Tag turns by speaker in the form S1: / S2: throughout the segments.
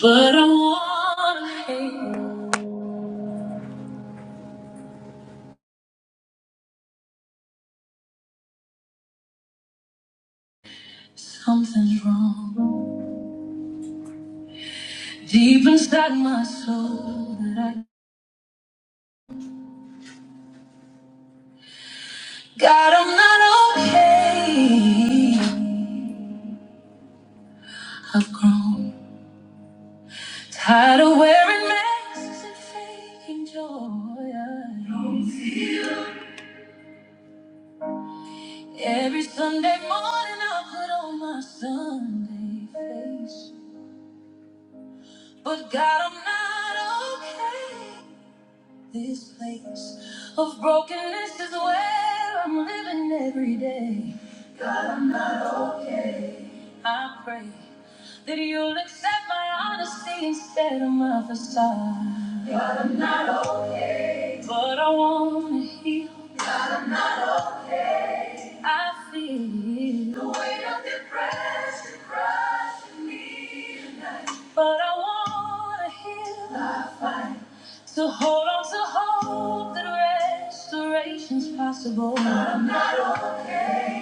S1: But I wanna hate something's wrong deep inside my soul that I God I'm not okay. I've grown tired of wearing masks and faking joy. Every Sunday morning I put on my Sunday face, but God I'm not okay. This place of brokenness is where I'm living every day. I pray that you'll accept my honesty instead of my facade. But I wanna heal, I feel the weight of depression. But I wanna heal, I fight to hold on to hope that restoration's possible.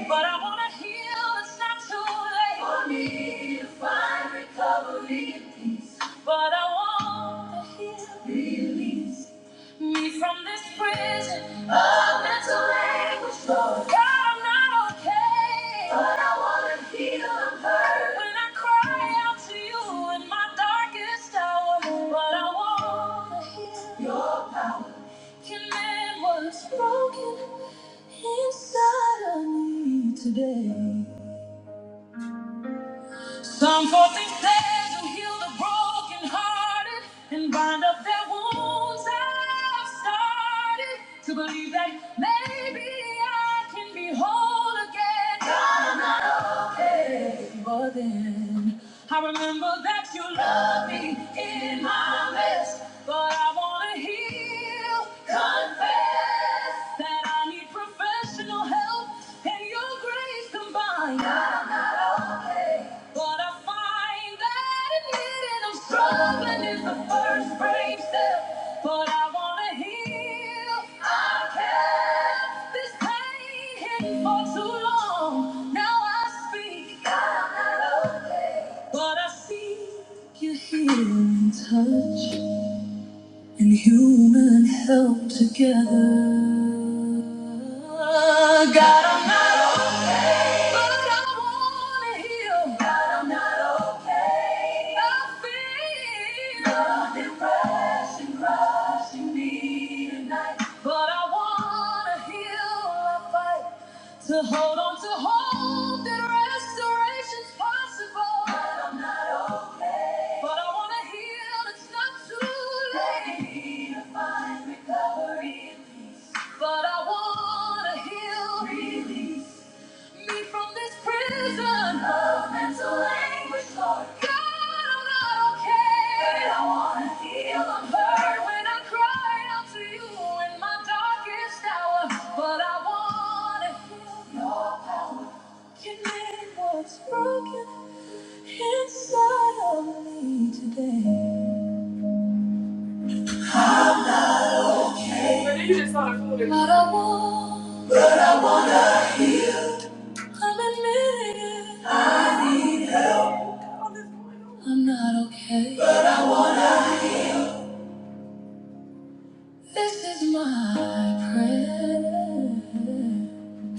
S1: But I wanna heal, it's not too late for me to find recovery and peace. But I want to heal, release me from this prison of mental anguish. Lord, God, I'm not okay. But I wanna feel and hurt when I cry out to you in my darkest hour. But I wanna heal. your power. Broken man was broken inside of me today. Some folk think they will heal the broken hearted and bind up their wounds. I've started to believe that maybe I can be whole again. But then I remember that you love me in my mess. But I wanna heal, confess that I need professional help and your grace combined. But I find that admitting I'm struggling is the first brave step. But I wanna heal. I kept this pain hidden for too long. Now I speak. I'm not okay. But I see you heal and touch and human help together. God, I'm not okay, but I wanna heal. God, I'm not okay. I feel the depression crushing me tonight, but I wanna heal. I fight to hold on to hope that restoration's possible, but I wanna heal. It's not too late. But I wanna heal. Release me from this prison of mental anguish, Lord. God, I'm not okay. But I wanna feel the burn when I cry out to you in my darkest hour. But I wanna heal. You can mend what's broken inside of me today. But I want, I'm admitting it. I'm not okay. This is my prayer.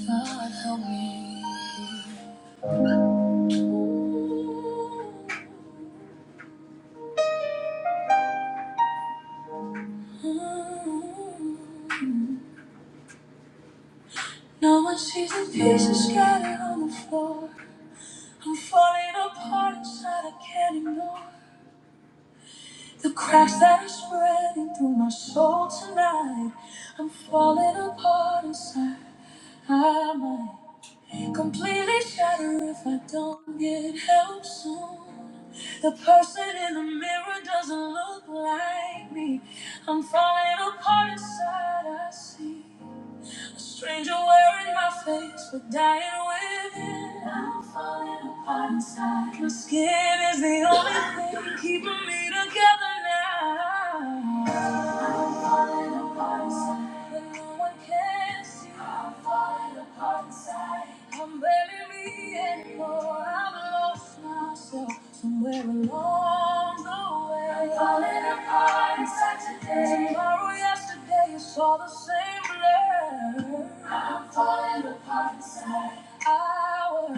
S1: God help me. Mm-hmm. No one sees the pieces scattered on the floor. I'm falling apart inside, I can't ignore the cracks that are spreading through my soul tonight. I'm falling apart inside. I might. and completely shatter if I don't get help soon. The person in the mirror doesn't look like me. I'm falling apart inside, I see. A stranger wearing my face, but dying within. I'm falling apart inside. My skin is the only thing keeping me together now. I'm falling apart inside, but no one can see. I'm falling apart inside. I'm barely me anymore. I've lost myself somewhere along the way away. I'm falling apart inside today. Tomorrow, yesterday, it's all the same blur. I'm falling apart inside. Our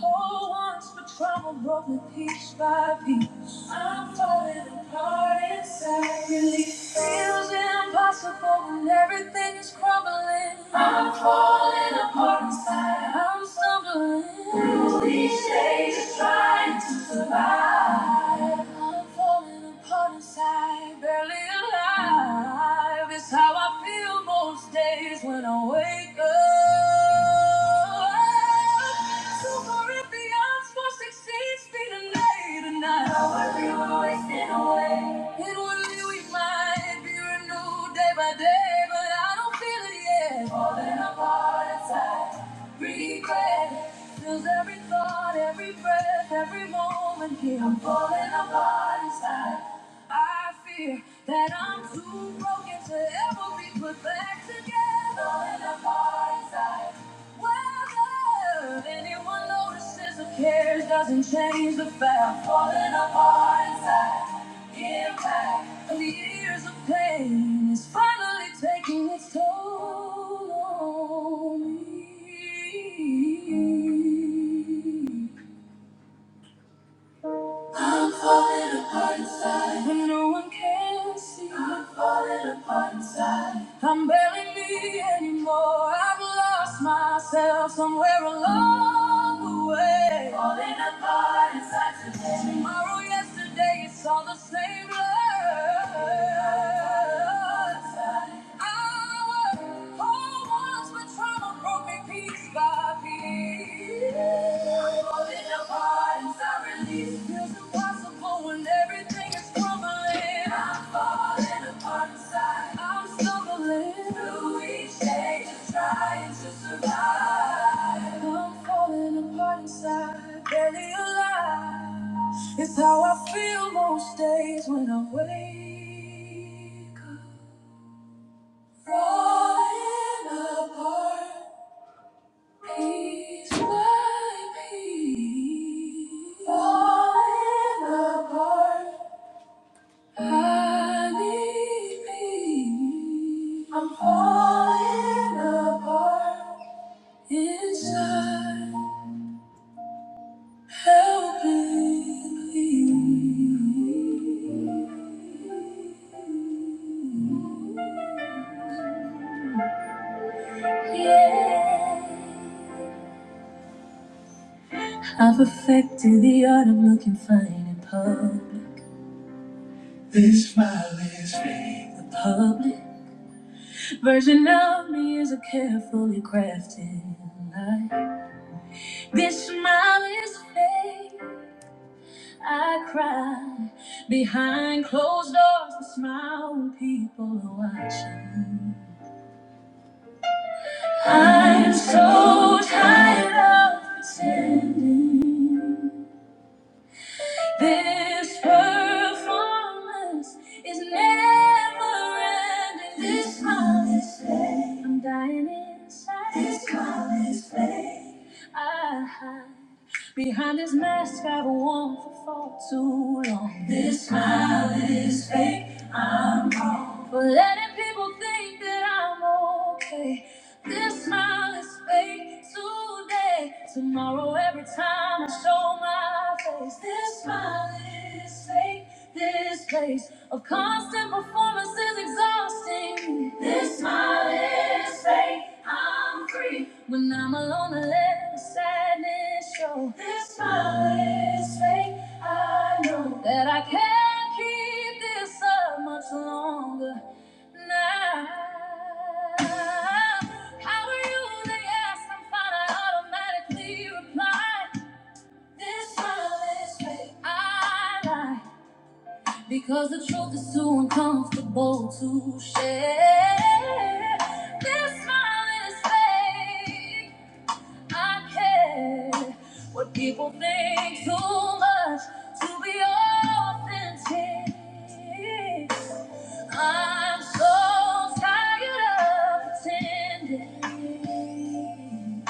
S1: whole once for trauma broke me piece by piece. I'm falling apart inside. Really feels impossible when everything is crumbling. I'm falling apart inside. I'm stumbling. Through These days, trying to survive. I'm falling apart inside, barely alive. It's how I feel most days when I wake up. Two Corinthians, four sixteen, speed of night and night. How I feel wasting away. It would leave mind? it be renewed day by day, but I don't feel it yet. Falling apart inside, regret fills every thought, every breath, every moment here. I'm falling apart inside. I fear that I'm too broken to ever be put back together. Falling apart inside. Whether if anyone notices or cares, doesn't change the fact. Falling apart inside, impact of years of pain is finally taking its toll on me. I'm falling apart inside. But no one can see. I'm falling apart inside. I'm barely me anymore. I've lost myself somewhere along the way. Falling apart inside today. Tomorrow, yesterday, it's all the same blur. I was whole once, but trauma broke me piece by it's how I feel most days when I wake up. Falling apart. Peace, my peace, falling apart. I need peace. I'm falling apart inside. Help me, please. Yeah. I've affected the art of looking fine in public. This smile is fake. The public version of me is a carefully crafted lie. This smile is fake. I cry behind closed doors. The smile when people are watching. I'm so tired of pretending. This performance is never ending. This call is fake. I'm dying inside. This call is fake. I hide behind this mask I've worn for far too long. This smile is fake. For letting people think that I'm okay. This smile is fake today. Tomorrow, every time I show my face, this smile is fake. This place of constant performance is exhausting. This smile is fake. I'm free when I'm alone. I let the sadness show. This smile is fake. I know that I can't keep this up much longer longer now. How are you? They ask. I'm fine. I automatically reply. This silence that I lie because the truth is too uncomfortable to share. This smile is fake. I care what people think too much to be authentic. I'm so tired of pretending.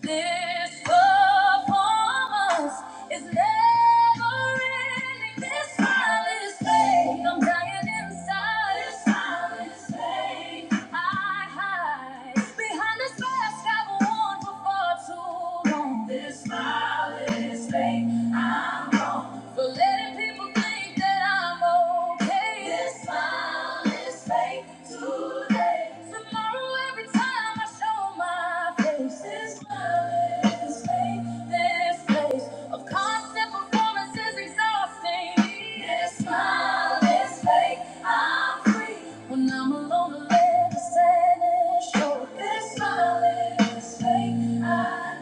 S1: This performance is never ending. This smile is fake. I'm dying inside. This smile is fake. I hide behind this mask I've worn for far too long. This smile is fake. I'm wrong for letting people think that I'm okay. This smile is fake today. Tomorrow, every time I show my face. This place, this place of constant performance is exhausting. This smile is fake. I'm free when I'm alone. I let the sadness show. This smile is fake. I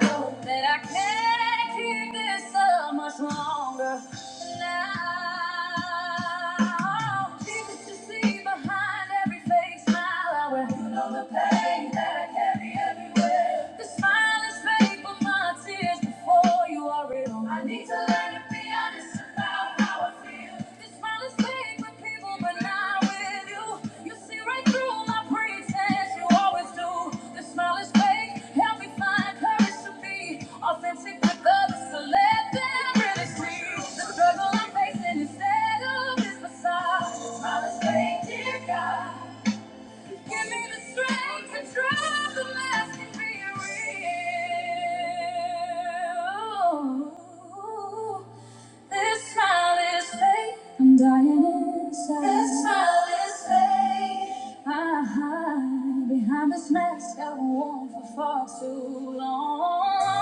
S1: know that I can't keep this up much longer. Now, Jesus, you see behind every fake smile. I wear know the pain that I carry everywhere. The smile is fake, but my tears before you are real. I need to learn to be honest about how I feel. The smile is fake with people, but not with you. You see right through my pretense, you always do. The smile is fake, help me find courage to be authentic with others, so let them really see. The struggle I'm facing instead of is facade, The smile is fake, dear God. Give me the strength to drop the mask and be real. This smile is fake. I'm dying inside. This smile is fake. I hide behind this mask I won't for far too long.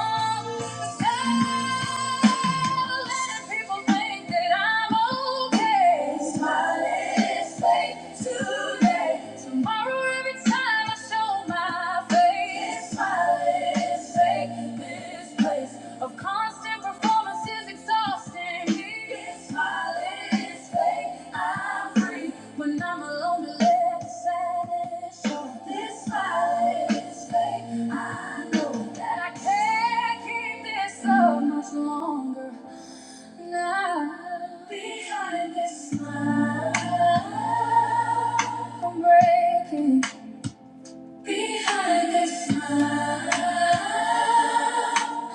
S1: Constant performance is exhausting. It's my Longer now, behind this smile, I'm breaking. Behind that smile,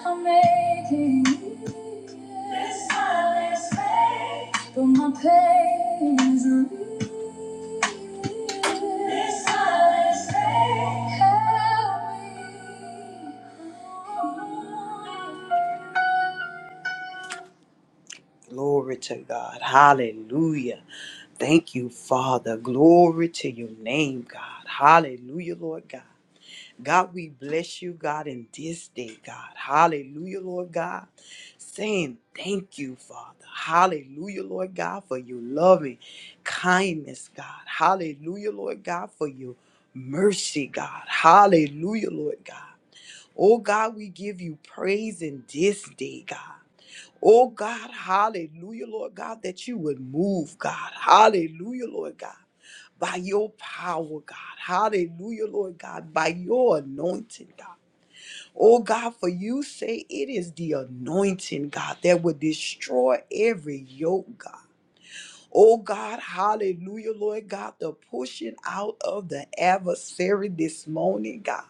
S1: I'm making it. This smile is fake, but my pain is real. This smile is fake. Help me. Glory to God. Hallelujah. Thank you, Father. Glory to your name, God. Hallelujah, Lord God. God, we bless you, God, in this day, God. Hallelujah, Lord God. Saying thank you, Father. Hallelujah, Lord God, for your loving kindness, God. Hallelujah, Lord God, for your mercy, God. Hallelujah, Lord God. Oh, God, we give you praise in this day, God. Oh God, hallelujah, Lord God, that you would move, God. Hallelujah, Lord God. By your power, God. Hallelujah, Lord God. By your anointing, God. Oh God, for you say it is the anointing, God, that would destroy every yoke, God. Oh God, hallelujah, Lord God, the pushing out of the adversary this morning, God.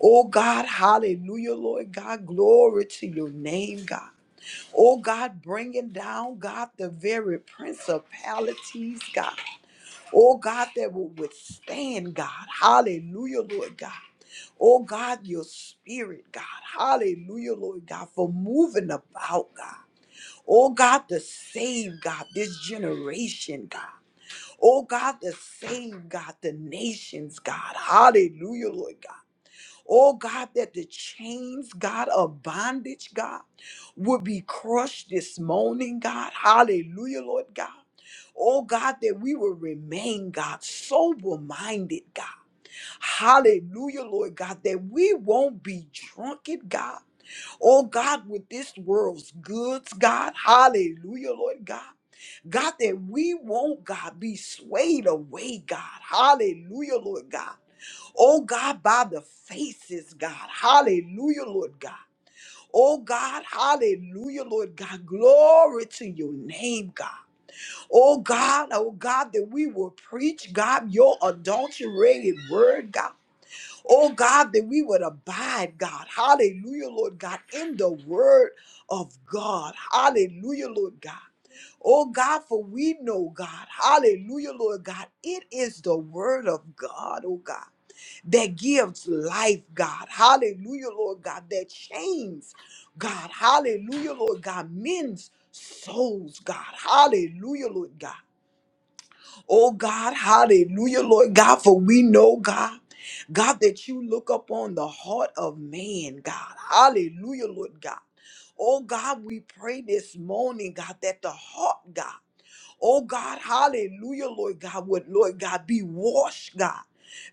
S1: Oh God, hallelujah, Lord God, glory to your name, God. Oh God, bringing down, God, the very principalities, God. Oh God, that will withstand, God. Hallelujah, Lord God. Oh God, your spirit, God. Hallelujah, Lord God, for moving about, God. Oh God, to save, God, this generation, God. Oh God, to save, God, the nations, God. Hallelujah, Lord God. Oh God, that the chains, God, of bondage, God, would be crushed this morning, God. Hallelujah, Lord God. Oh God, that we will remain, God, sober minded, God. Hallelujah, Lord God, that we won't be drunken, God. Oh God, with this world's goods, God. Hallelujah, Lord God. God, that we won't, God, be swayed away, God. Hallelujah, Lord God Oh God, by the faces, God. Hallelujah, Lord God. Oh God, hallelujah, Lord God. Glory to your name, God. Oh God, oh God, that we will preach, God, your adulterated word, God. Oh God, that we would abide, God. Hallelujah, Lord God, in the word of God. Hallelujah, Lord God. Oh God, for we know, God. Hallelujah, Lord God. It is the word of God, oh God that gives life, God. Hallelujah, Lord God, that chains, God. Hallelujah, Lord God, men's souls, God. Hallelujah, Lord God. Oh, God, hallelujah, Lord God, for we know, God. God, that you look upon the heart of man, God. Hallelujah, Lord God. Oh, God, we pray this morning, God, that the heart, God, oh, God, hallelujah, Lord God, would, Lord God, be washed, God.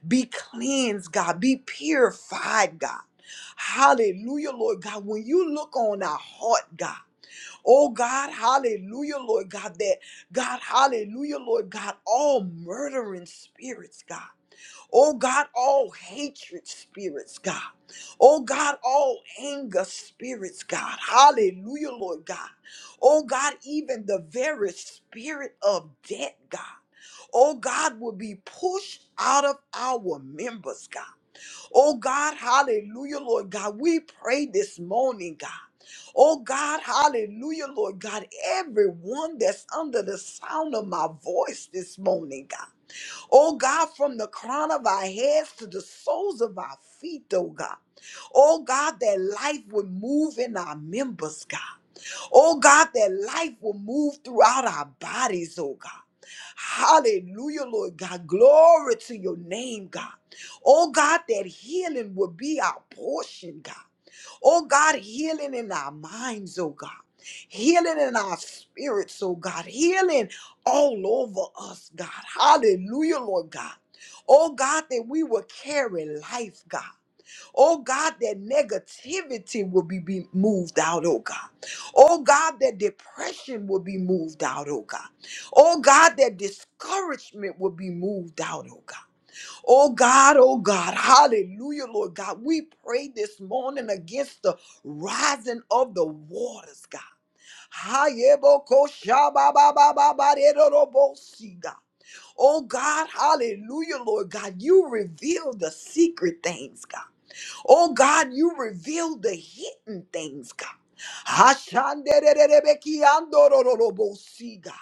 S1: Be cleansed, God. Be purified, God. Hallelujah, Lord God. When you look on our heart, God. Oh God, hallelujah, Lord God, that God, hallelujah, Lord God, all murdering spirits, God. Oh God, all hatred spirits, God. Oh God, all anger spirits, God. Hallelujah, Lord God. Oh God, even the very spirit of death, God. Oh God, will be pushed out of our members, God. Oh God, hallelujah, Lord God. We pray this morning, God. Oh God, hallelujah, Lord God. Everyone that's under the sound of my voice this morning, God. Oh God, from the crown of our heads to the soles of our feet, oh God. Oh God, that life would move in our members, God. Oh God, that life will move throughout our bodies, oh God. Hallelujah, Lord God. Glory to your name, God. Oh God, that healing will be our portion, God. Oh God, healing in our minds, oh God. Healing in our spirits, oh God. Healing all over us, God. Hallelujah, Lord God. Oh God, that we will carry life, God. Oh God, that negativity will be, be moved out, oh God. Oh God, that depression will be moved out, oh God. Oh God, that discouragement will be moved out, oh God. Oh God, oh God, hallelujah, Lord God. We pray this morning against the rising of the waters, God. Hayebokoshabababababaredorobosi, God. Oh God, hallelujah, Lord God. You reveal the secret things, God. Oh God, you reveal the hidden things, God. Hashandererebekiandorororobosi, God.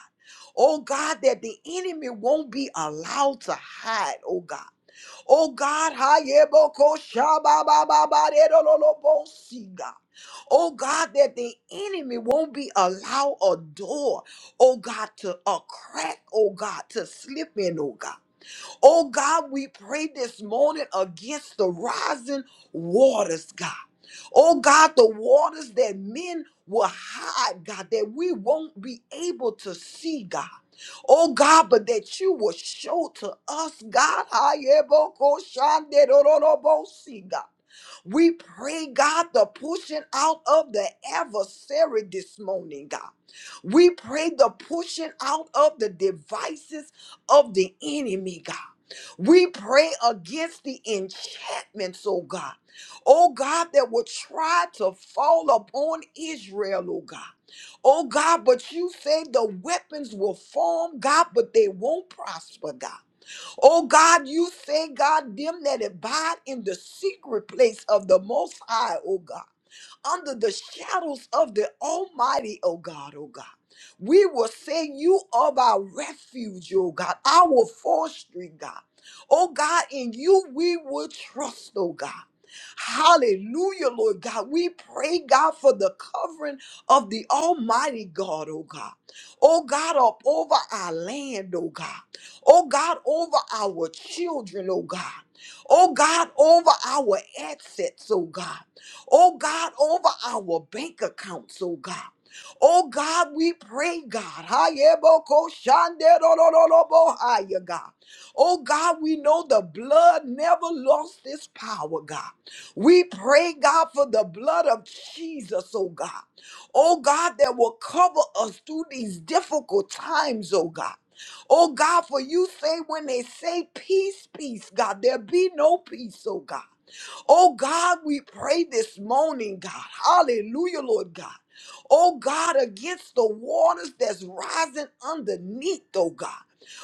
S1: Oh God, that the enemy won't be allowed to hide, oh God. Oh God, Hayeboko Shababababaredolobosi, God. Oh God, that the enemy won't be allowed a door, oh God, to a crack, oh God, to slip in, oh God. Oh God, we pray this morning against the rising waters, God. Oh God, the waters that men will hide, God, that we won't be able to see, God. Oh God, but that you will show to us, God. Ayebokoshanderororobosi, God. We pray, God, the pushing out of the adversary this morning, God. We pray the pushing out of the devices of the enemy, God. We pray against the enchantments, oh God. Oh God, that will try to fall upon Israel, oh God. Oh God, but you say the weapons will form, God, but they won't prosper, God. Oh God, you say, God, them that abide in the secret place of the Most High, oh God under the shadows of the Almighty, oh God, oh God. We will say you are our refuge, oh God, our forestry, God. Oh God, in you we will trust, oh God. Hallelujah, Lord God. We pray, God, for the covering of the Almighty God, oh God. Oh God, up over our land, oh God. Oh God, over our children, oh God. Oh God, over our assets, oh God. Oh God, over our bank accounts, oh God. Oh God, we pray, God. Hayeboko God. Oh God, we know the blood never lost its power, God. We pray, God, for the blood of Jesus, oh God. Oh God, that will cover us through these difficult times, oh God. Oh God, for you say when they say peace, peace, God, there be no peace, oh God. Oh God, we pray this morning, God. Hallelujah, Lord God. Oh God, against the waters that's rising underneath, oh God.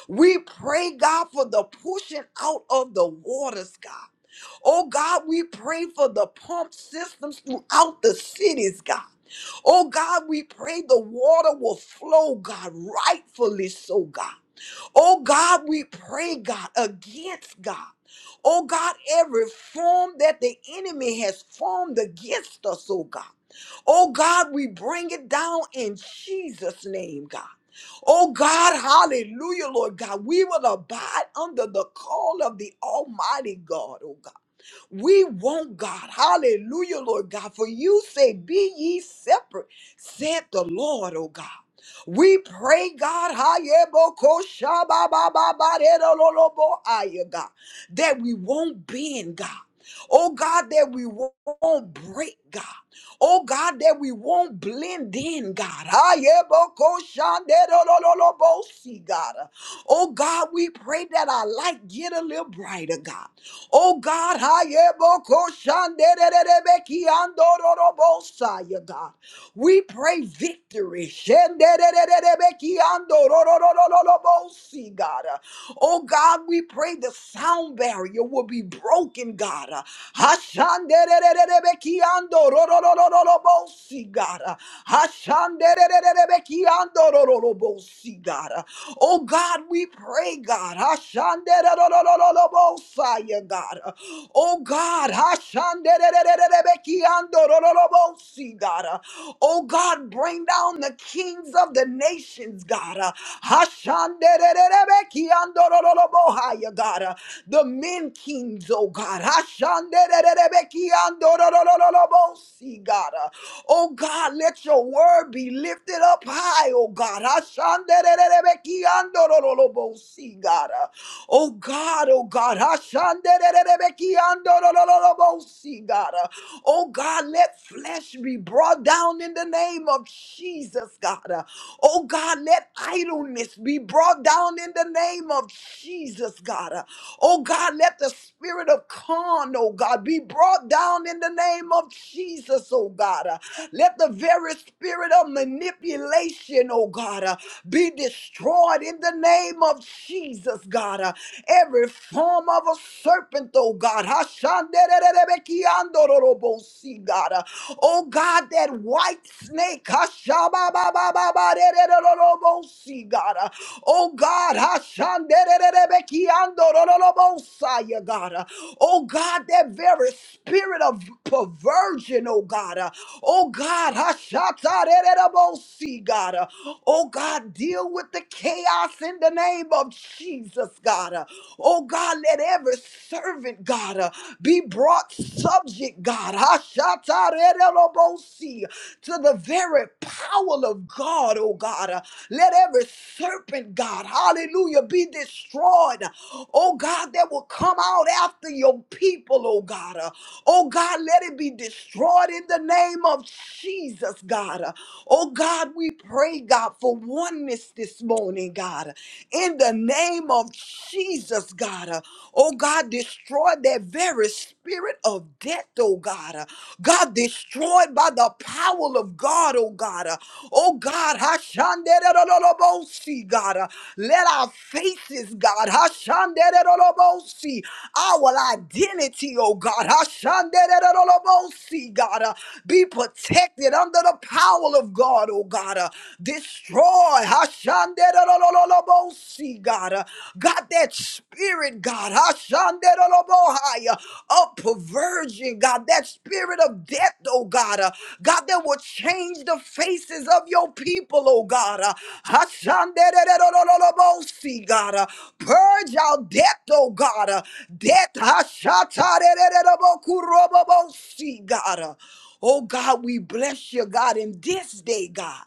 S1: We pray, God, for the pushing out of the waters, God. Oh God, we pray for the pump systems throughout the cities, God. Oh God, we pray the water will flow, God, rightfully so, God. Oh God, we pray, God, against God. Oh God, every form that the enemy has formed against us, oh God. Oh God, we bring it down in Jesus' name, God. Oh God, hallelujah, Lord God. We will abide under the call of the Almighty God, oh God. We want God. Hallelujah, Lord God. For you say, Be ye separate, said the Lord, oh God. We pray, God, Hayebokoshababababarerololoboaya, God, that we won't bend, God. Oh God, that we won't break, God. Oh God, that we won't blend in, God. Ayebokoshanderololobosi, God. Oh God, we pray that our light get a little brighter, God. Oh God, ayebokoshanderererebekiandororobosaya, God. We pray victory. Shenderererebekiandororororolobosi, God. Oh God, we pray the sound barrier will be broken, God. Uh, Hashanderererebekiandororororobosi, God. Uh, Hashanderererebekiandororororobosi, God. Uh, Oh God, we pray, God. Hashandererorororobosaya, God. Uh, Oh God, Hashanderererebekiandorororobosi, see, God. Uh, Oh God, bring down the kings of the nations, God. Uh, Hashandererebekiandorororobohaya, God. Uh, The men kings, oh God. Hashandererebekiandororororobosi, God. Uh, Oh God, let your word be lifted up high, oh God. Hashandererebekiandorororobosi, God. Oh God, oh God. Hashandererebekiandorororobosi, God. Oh God, let flesh be brought down in the name of Jesus, God. Oh God, let idleness be brought down in the name of Jesus, God. Oh God, let the spirit of con, oh God, be brought down in the name of Jesus, oh God. Let the very spirit of manipulation, oh God, be destroyed in the name of Jesus, God, uh, every form of a serpent, oh God, Hashandererebekiandororobosi, God, uh, oh God, that white snake, Hashabababababadererorobosi, God, uh, oh God, Hashandererebekiandororobosai, God, uh, oh God, that very spirit of perversion, oh God, uh, oh God, Hashatarererobosi, God, uh, oh God, deal with the cancer chaos in the name of Jesus, God. Uh, Oh, God, let every servant, God, uh, be brought subject, God, Ashatarerelobosi, to the very power of God, oh, God. Uh, Let every serpent, God, hallelujah, be destroyed, oh, God, that will come out after your people, oh, God. Uh, Oh, God, let it be destroyed in the name of Jesus, God. Uh, Oh, God, we pray, God, for one oneness this morning, God. In the name of Jesus, God. Oh, God, destroy that very spirit of death, oh, God. God, destroyed by the power of God, oh, God. Oh, God. Hashandererorobosi, God. Let our faces, God. Hashandererorobosi, Our identity, oh, God. Hashandererorobosi, God. Be protected under the power of God, oh, God. Destroy. Hashanderololobo, See, God. uh, God, that spirit, God. Hashanderolobohai, uh, Of perversion, God. That spirit of death, oh God. uh, God, that will change the faces of your people, oh God. uh, Hashanderololobo, See, God. uh, Purge out death, oh God. uh, Death. Hashatarererebokurobobo, See, God. uh, Oh God, we bless you, God, in this day, God.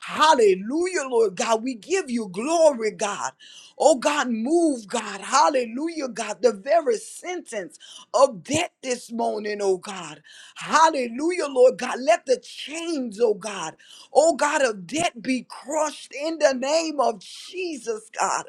S1: Hallelujah, Lord God. We give you glory, God. Oh God, move, God. Hallelujah, God. The very sentence of death this morning, oh God. Hallelujah, Lord God. Let the chains, oh God, oh God, of death be crushed in the name of Jesus, God.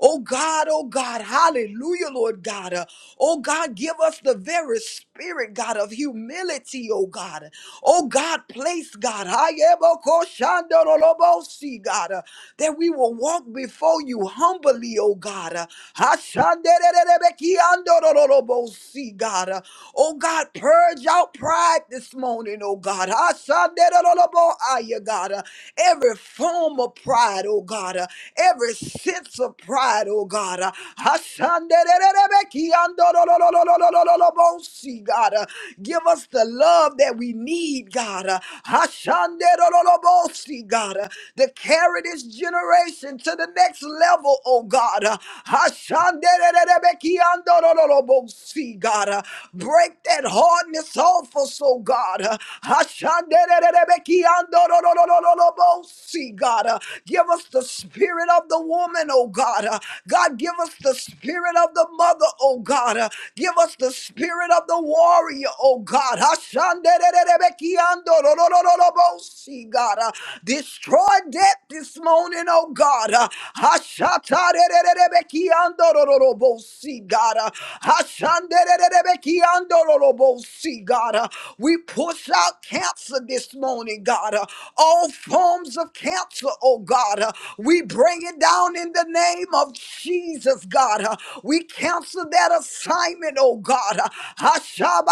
S1: Oh God, oh God. Hallelujah, Lord God. Oh God, give us the very spirit, God, of humility, oh God. Oh God, place, God. Hayebokoshandorolobosi, God, uh, that we will walk before you humbly, oh God. uh, Hashandererebekiandorolobosi, God, uh, oh God, purge out pride this morning, oh God. Hashanderoloboaya, God, uh, every form of pride, oh God, uh, every sense of pride, oh God. uh, Hashandererebekiandorolobosi, God, uh, give us the love that we need, God, uh, Ashanderololobosi, God, uh, to carry this generation to the next level, oh God. uh, Ashandererebekiandorololobosi, God, uh, break that hardness off us, oh God. uh, Ashandererebekiandorololobosi, God, uh, give us the spirit of the woman, oh God. uh, God, give us the spirit of the mother, oh God. uh, Give us the spirit of the warrior, oh God. Hashandererebekiandororororobosi, God. Uh, Destroy debt this morning, oh God. Uh, God. Uh, God. Uh, We push out cancer this morning, God. Uh, All forms of cancer, oh God. Uh, We bring it down in the name of Jesus, God. Uh, We cancel that assignment, oh God.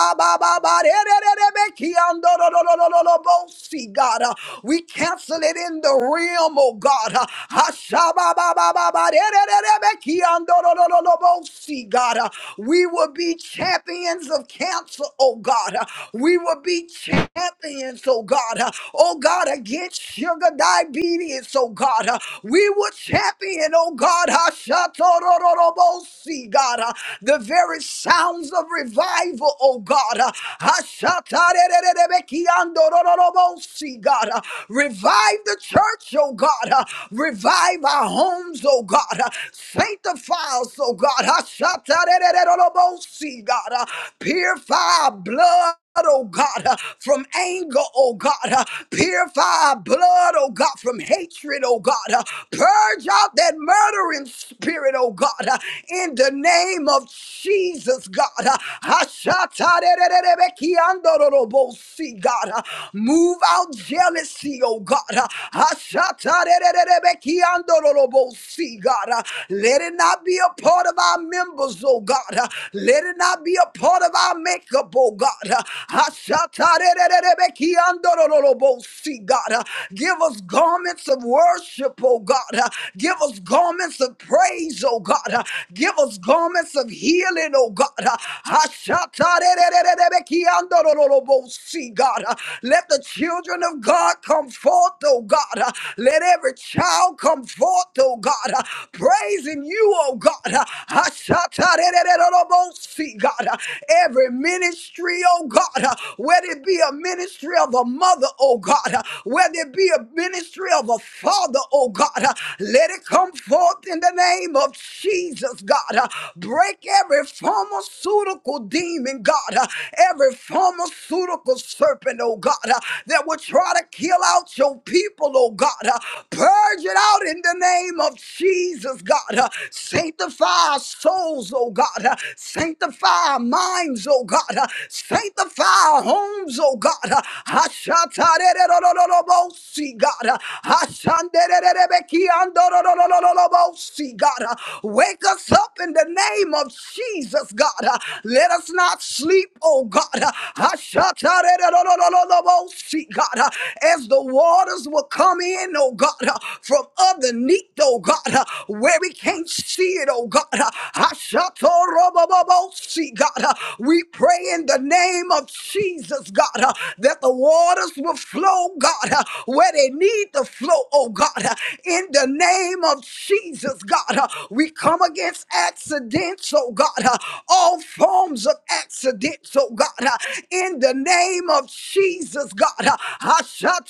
S1: Ba ba ba ba re re re re be ki ando ro ro ro ro ro ro bo si, God. Uh, We cancel it in the realm, oh God. Uh, Hashababababarerererebekiandororororobosi, God. Uh, We will be champions of cancer, oh God. Uh, We will be champions, oh God. Uh, Oh God, against sugar diabetes, oh God. Uh, We will champion, oh God. Hashatorororobosi, God. Uh, The very sounds of of revival, oh God. Uh, Ashatarerererebekiandorororobosi, God. Uh, Revive the church, oh God. Uh, Revive our homes, oh God. Uh, Sanctify us, oh God. Ashatarerererobosi, God. Uh, Purify our blood oh God, uh, from anger, oh God. uh, Purify our blood, oh God, from hatred, oh God. uh, Purge out that murdering spirit, oh God, uh, in the name of Jesus, God. uh, Ashatarererebekiandororobosi, God. uh, Move out jealousy, oh God. uh, Ashatarererebekiandororobosi, God. uh, Let it not be a part of our members, oh oh God. Uh, Let it not be a part of our makeup, oh God. Uh, Ashatarererebekiandorororobosi, God. Uh, Give us garments of worship, oh God. Uh, Give us garments of praise, oh God. Uh, Give us garments of healing, oh God. Uh, Ashatarerererebekiandorororobosi, God. Uh, Let the children of God come forth, oh God. Uh, Let every child come forth, oh oh God, uh, praising you, oh God. uh, Ashatarerererobosi, God, uh, every ministry, oh God, uh, whether it be a ministry of a mother, oh God, uh, whether it be a ministry of a father, oh God, uh, let it come forth in the name of Jesus, God. uh, Break every pharmaceutical demon, God, uh, every pharmaceutical serpent, oh God, uh, that would try to kill Seal out your people, oh God. Uh, Purge it out in the name of Jesus, God. Uh, Sanctify our souls, oh God. Uh, Sanctify our minds, oh God. Uh, Sanctify our homes, oh God. Uh, Hashatarererorororobosi, God. Uh, Hashanderererebekiandorororororobosi, God. Uh, Wake us up in the name of Jesus, God. Uh, Let us not sleep, oh God. Uh, Ashatarerorororobosi, God, uh, as the waters will come in, oh God, uh, from underneath, oh God, uh, where we can't see it, oh God. uh, Ashatorobobobosi, God, uh, we pray in the name of Jesus, God, uh, that the waters will flow, God, uh, where they need to flow, oh God, uh, in the name of Jesus, God. uh, We come against accidents, Oh God, all forms of accident. Oh God, in the name of Jesus, God, Hallelujah.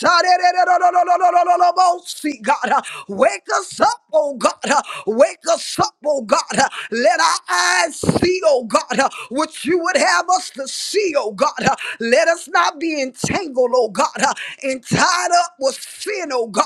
S1: Oh Lord, see God, wake us up, oh God, wake us up, oh God. Let our eyes see, oh God, what You would have us to see, oh God. Let us not be entangled, oh God, entwined up with sin, oh God,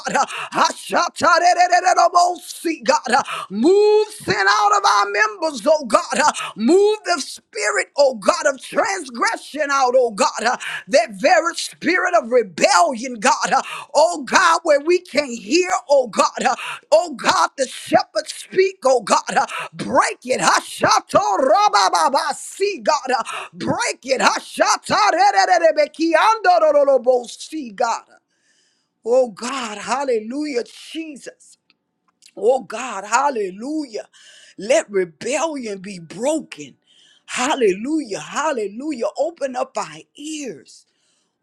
S1: Hallelujah. Oh, see, God, uh, move sin out of our members, oh God. uh, move the spirit, oh God, of transgression out, oh God. uh, that very spirit of rebellion, God. uh, oh God, where we can hear, oh God. uh, oh God, the shepherd speak, oh God. uh, break it. Hashato rabababa. See, God. uh, break it. Hashata rererebeki andorolobo. See, God. Oh God, hallelujah, Jesus. Oh God, hallelujah. Let rebellion be broken. Hallelujah, hallelujah. Open up our ears.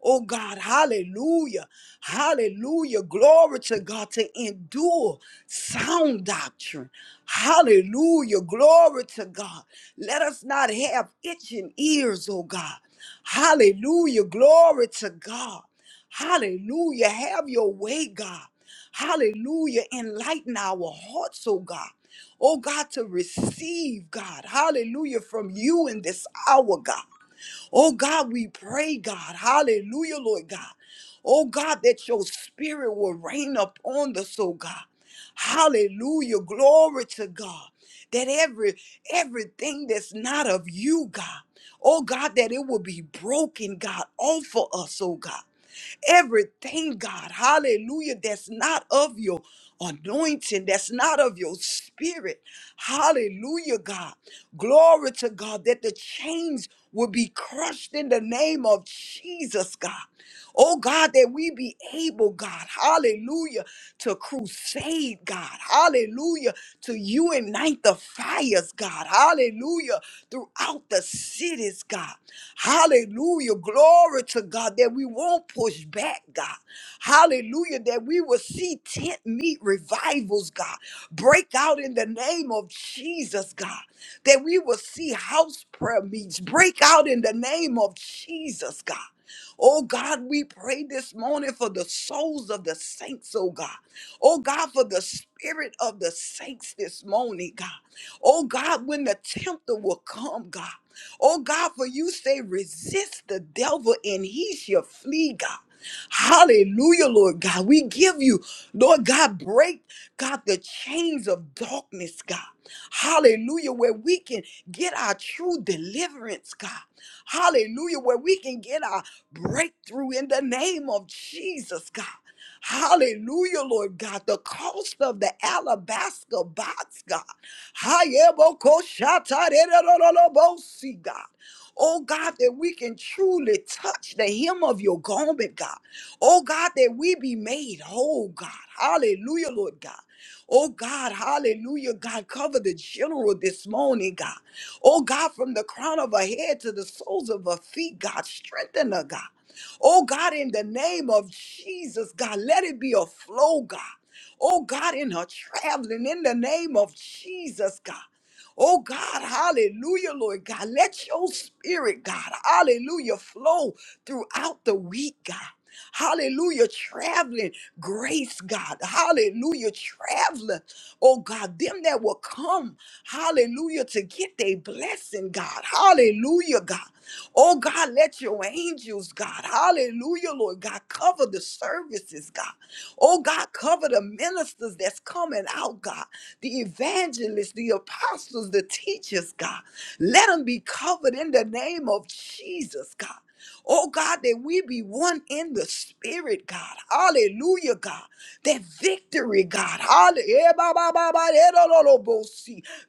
S1: Oh God, hallelujah, hallelujah. Glory to God to endure sound doctrine. Hallelujah, glory to God. Let us not have itching ears, oh God. Hallelujah, glory to God. Hallelujah, have your way, God. Hallelujah, enlighten our hearts, oh God. Oh God, to receive, God. Hallelujah, from you in this hour, God. Oh God, we pray, God. Hallelujah, Lord God. Oh God, that your spirit will reign upon us, oh God. Hallelujah. Glory to God. That every everything that's not of you, God. Oh God, that it will be broken, God, off of us, oh God. Everything, God, hallelujah, that's not of your anointing, that's not of your spirit. Hallelujah, God. Glory to God that the chains will be crushed in the name of Jesus, God. Oh God, that we be able, God, hallelujah, to crusade, God, hallelujah, to unite the fires, God, hallelujah, throughout the cities, God, hallelujah, glory to God, that we won't push back, God, hallelujah, that we will see tent meet revivals, God, break out in the name of Jesus, God, that we will see house prayer meets break out in the name of Jesus, God. Oh God, we pray this morning for the souls of the saints, oh God. Oh God, for the spirit of the saints this morning, God. Oh God, when the tempter will come, God. Oh God, for you say, resist the devil and he shall flee, God. Hallelujah, Lord God. We give you, Lord God, break, God, the chains of darkness, God. Hallelujah, where we can get our true deliverance, God. Hallelujah, where we can get our breakthrough in the name of Jesus, God. Hallelujah, Lord God. The cost of the alabaster box, God. Hayebokoshatarerororobosi, God. Oh God, that we can truly touch the hem of your garment, God. Oh God, that we be made whole, God. Hallelujah, Lord God. Oh God, hallelujah, God. Cover the general this morning, God. Oh God, from the crown of her head to the soles of her feet, God, strengthen her, God. Oh God, in the name of Jesus, God, let it be a flow, God. Oh God, in her traveling, in the name of Jesus, God. Oh God, hallelujah, Lord God. Let your spirit, God, hallelujah, flow throughout the week, God. Hallelujah, traveling grace, God. Hallelujah, traveler. Oh God, them that will come, hallelujah, to get their blessing, God. Hallelujah, God. Oh God, let your angels, God. Hallelujah, Lord God. Cover the services, God. Oh God, cover the ministers that's coming out, God. The evangelists, the apostles, the teachers, God. Let them be covered in the name of Jesus, God. Oh God, that we be one in the spirit, God. Hallelujah, God. That victory, God. Hallelujah.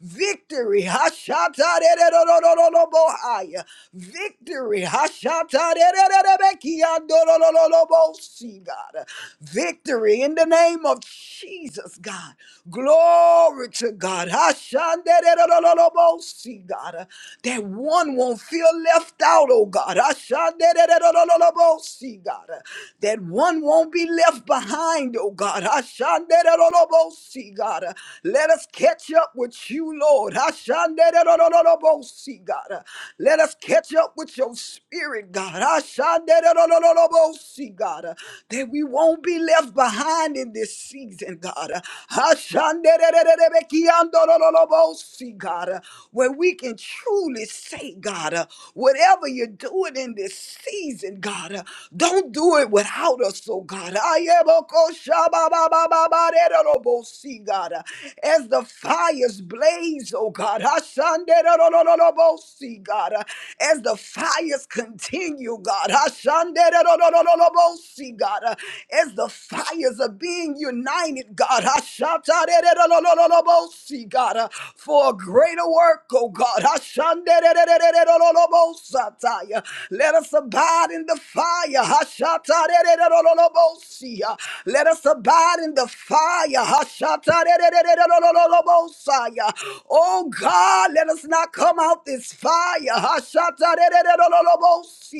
S1: Victory. Hashatarererobohaya. Victory. Hashatarererebekiandorororobosi, God. Victory in the name of Jesus, God. Glory to God. Hashandererororobosi, God. God, uh, that one won't feel left out, oh God. Ashanderererorobosi, God, uh, that one won't be left behind, oh God. Ashandererorobosi, God, uh, let us catch up with you, Lord. Ashanderererorobosi, God, uh, let us catch up with your spirit, God. Ashanderererorobosi, God, uh, that we won't be left behind in this season, God. God, where we can truly say, God, uh, whatever you're doing in this season, God, uh, don't do it without us, oh God. Ayebokoshabababababaderorobosi, God, uh, As the fires blaze, oh God, Ashanderorororobosi, God, uh, as the fires continue, God, Ashanderorororobosi, God, uh, as the fires are being united, God. Ashatarererobosi, God, uh, for a greater work, oh God. Ashanderererererobosataya. Let us abide in the fire. Ashatarerererorobosi, uh, Let us abide in the fire. Ashatarererererorobosaya. Oh God, let us not come out this fire. Ashatarerererorobosi,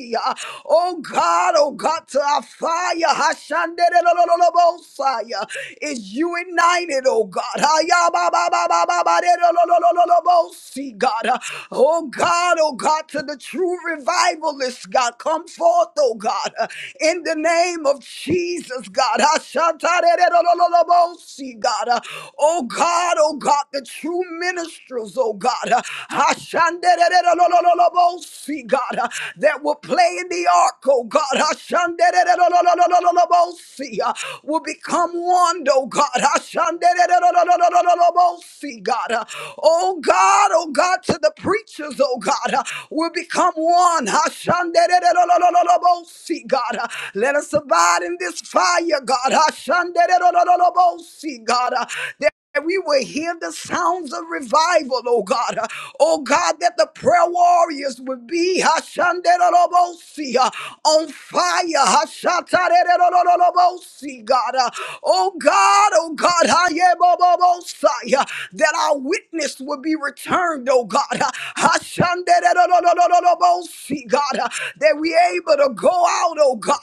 S1: Oh God, oh God, to our fire, Hashanderelololobosaya, is you ignited, oh God. Hayababababababaderelolololobosi, God. Oh God, oh God, to the true revivalist, God, come forth, oh God, in the name of Jesus, God. Hashanderelolololobosi, God. Oh God, oh God, the true ministers, oh God. Hashanderererolololobosi, God, that will play in the ark, oh God. Hashanderererololololobosi, uh, Will become one, oh God. Hashanderererololololobosi, God. uh, Oh God, oh God, to the preachers, oh God, uh, will become one. Hashanderererololololobosi, God. uh, Let us abide in this fire, God. Hashanderererolololobosi, God. uh, that we will hear the sounds of revival, oh God. Uh, Oh God, that the prayer warriors would be Hashanderorobosi, uh, on fire. Hashatarerororobosi, God. Uh, Oh God, oh God, Hayebobobosai, uh, that our witness would be returned, oh God. Uh, Hashanderororobosi, God, uh, that we able to go out, oh God.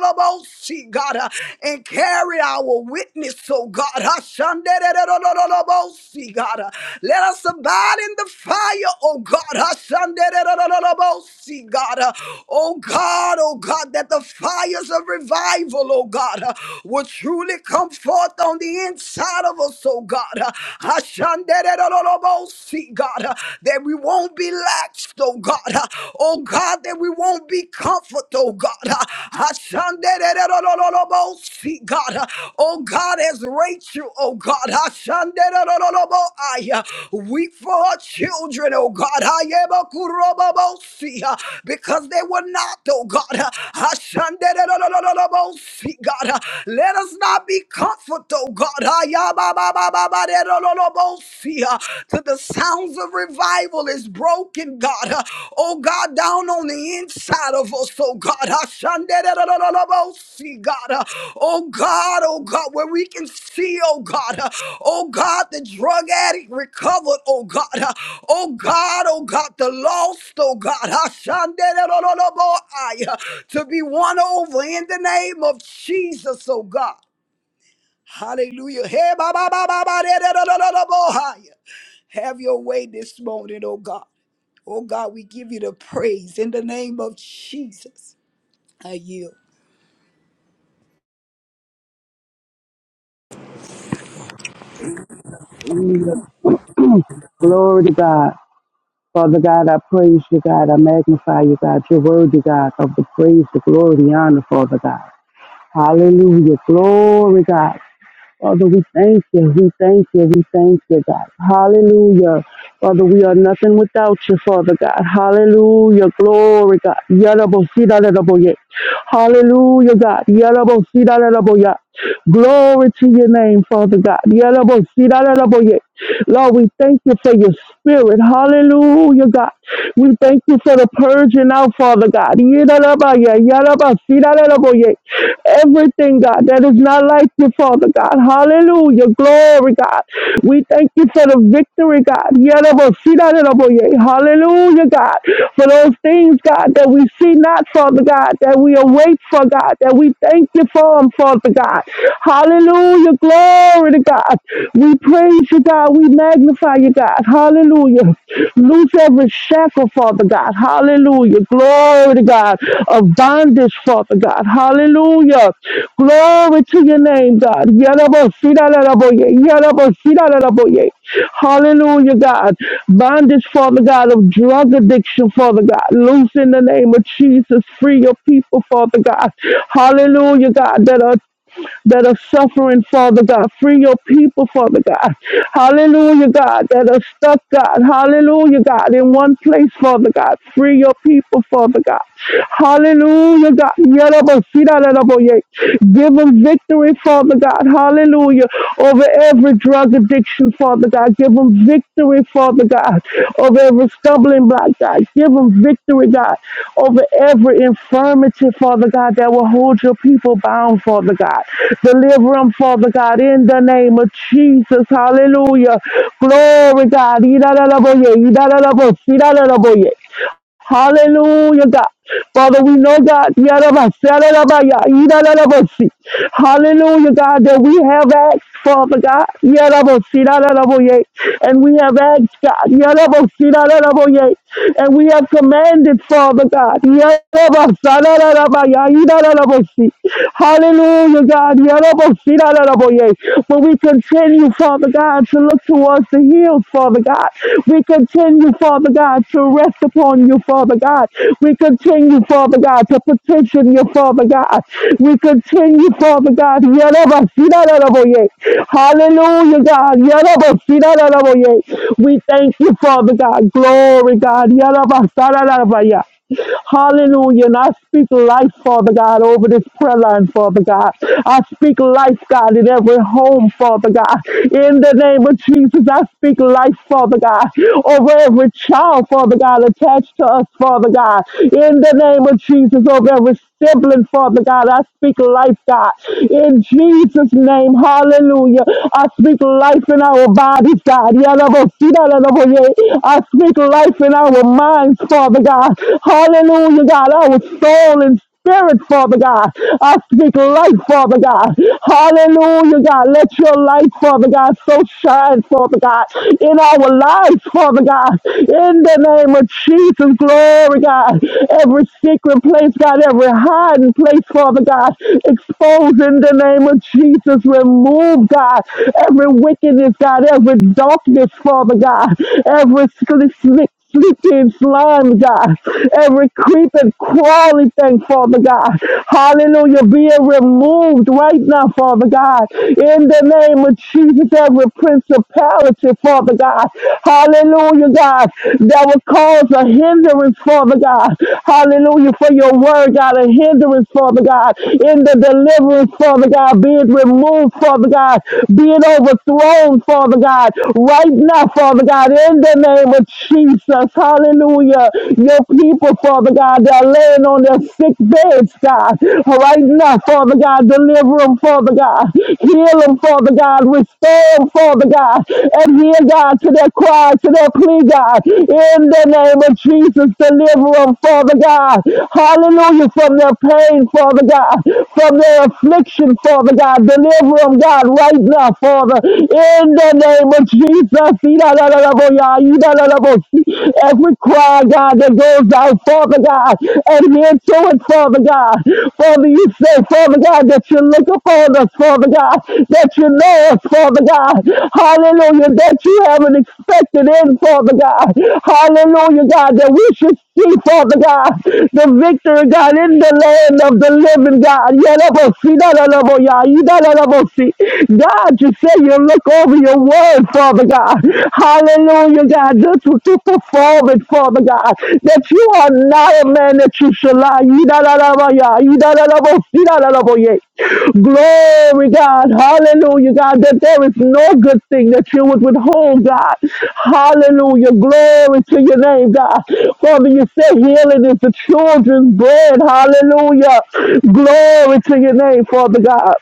S1: God, uh, and carry our witness, oh God. Hashanderererererererebosi, God. uh, Let us abide in the fire, oh God. Hashandererererererebosi, God. uh, Oh God, oh God, that the fires of revival, oh God, uh, will truly come forth on the inside of us, oh God. uh, Hashandererererererebosi, God, uh, that we won't be laxed, oh God. to the sounds of revival is broken, God. Uh, Oh God, down on the inside of us, oh God. Uh, Shandererererebosi, God. Uh, Oh God, oh God, where we can see, oh God. Uh, Oh God, the drug addict recovered, oh God. Uh, Oh God, oh God, the lost, oh God. Uh, Shandererererebo- to be won over in the name of Jesus, oh God. Hallelujah. Hey, ba, ba, ba, ba, ba, da, da, da, da, da, da, bo, hi. Have your way this morning, oh God. Oh God, we give you the praise in the name of Jesus. I yield.
S2: Jesus. Glory to God. Father God, I praise you, God. I magnify you, God. You're worthy, God, of the praise, the glory, the honor, Father God. Hallelujah. Glory, God. Father, we thank you. We thank you. We thank you, God. Hallelujah. Father, we are nothing without you, Father God. Hallelujah. Glory, God. Yadabosita-dadaboye. Hallelujah, God. Yadabosita-dadaboya. Glory to your name, Father God. Yadabosita-dadaboye. Lord, we thank you for your spirit. Hallelujah, God. We thank you for the purging out, Father God. Everything, God, that is not like you, Father God. Hallelujah. Glory, God. We thank you for the victory, God. Hallelujah, God. For those things, God, that we see not, Father God, that we await for, God, that we thank you for them, Father God. Hallelujah. Glory to God. We praise you, God. We magnify you, God you, God. Hallelujah. Loose every shackle, Father God. Hallelujah. Glory to God. Of bondage, Father God. Hallelujah. Glory to your name, God. Yarabasidalaraboye. Yarabasidalaraboye. Hallelujah, God. Bondage, Father God, of drug addiction, Father God. Loose in the name of Jesus. Free your people, Father God. Hallelujah, God. That are that are suffering, Father God. Free your people, Father God. Hallelujah, God, that are stuck, God. Hallelujah, God, in one place, Father God. Free your people, Father God. Hallelujah, God. Yadabasirararaboye. Give them victory, Father God. Hallelujah. Over every drug addiction, Father God. God. Give them victory, Father God, over every stumbling block, God. Give them victory, God, over every infirmity, Father God, that will hold your people bound, Father God. Deliver them, Father God, in the name of Jesus. Hallelujah. Glory, God. Hallelujah, God. Father, we know, God, Yarabasalarabaya, Idarabasi. hallelujah, God, that we have asked, Father God, Yarabasiraraboye. and we have asked, God, Yarabasiraraboye. and we have commanded, Father God, Yarabasalarabaya, Idarabasi. hallelujah, God, Yarabasiraraboye. but we continue, Father God, to look towards the hills, Father God. We continue, Father God, to rest upon you, Father God. We continue, Father God, to petition you, Father God. We continue, Father God. Yarabasirararaboye. Hallelujah, God. Yarabasirararaboye. We thank you, Father God. Glory, God. Yarabasararabaya. Hallelujah. And I speak life, Father God, over this prayer line, Father God. I speak life, God, in every home, Father God. In the name of Jesus, I speak life, Father God, over every child, Father God, attached to us, Father God. In the name of Jesus, over every sibling, Father God. I speak life, God. In Jesus' name, hallelujah. I speak life in our bodies, God. Yalabosita-lalaboye. I speak life in our minds, Father God. Hallelujah, God. Our soul and spirit, Father God. I speak light, Father God. Hallelujah, God. Let your light, Father God, so shine, Father God, in our lives, Father God. In the the name of Jesus. Glory, God. Every secret place, God, every hiding place, Father God, expose in the name of Jesus. Remove, God, every wickedness, God, every darkness, Father God, every slick sleeping slime, God. Every creeping, crawling thing, Father God. Hallelujah. Being removed right now, Father God. In the name of Jesus, every principality, Father God. Hallelujah, God. That will cause a hindrance, Father God. Hallelujah, for your word, God. A hindrance, Father God. In the deliverance, Father God. Be it removed, Father God. Be it overthrown, Father God. Right now, Father God. In the name of Jesus. Hallelujah. Your people, Father God. That are laying on their sick beds, God. Right now, now, Father God. Deliver them, Father God. Heal them, Father God. Restore them, Father God. And hear, God, to their cry, to their plea, God. In the name of Jesus, deliver them, Father God. Hallelujah. From their pain, Father God. From their affliction, Father God. Deliver them, God, right now, Father. In the name of Jesus. Every cry, God, that goes goes out, Father God. Adhere to it, Father God. Father, you say, Father God, that you look upon us, Father God, that you know us, Father God. Hallelujah, that you haven't expected in, Father God. Hallelujah, God, that we should see, Father God, the victory, God, in the land of the living, God. Yalabosi, dalalaboya, yidalalabosi. God, you say you look over your word, Father God. God. Hallelujah, God. Just to perform it, Father God. That you are not a man that you shall lie. Yidadadabaya, yidadadabo, yidadadaboye. Glory, God. Hallelujah, God. That there is no good thing that you would withhold, God. Hallelujah. Glory to your name, God. Father, you said healing is the children's bread. Hallelujah. Glory to your name, Father God.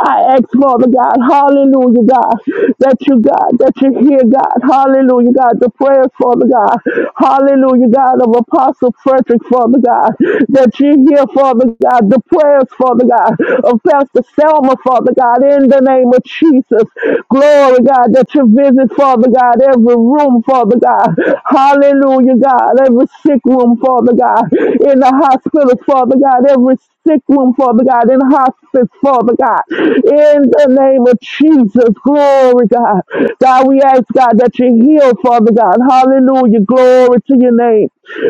S2: I ask, Father God, hallelujah, God, that you, God, that you hear, God, hallelujah, God, the prayers, Father God, hallelujah, God, of Apostle Frederick, Father God, that you hear, Father God, the prayers, Father God, of Pastor Selma, Father God, in the name of Jesus. Glory, God, that you visit, Father God, every room, Father God, hallelujah, God, every sick room, Father God, in the hospitals, Father God, every sick room, Father God, in prophets, Father God. In the name of Jesus, glory, God. God, we ask, God, that you heal, Father God. Hallelujah. Glory to your name.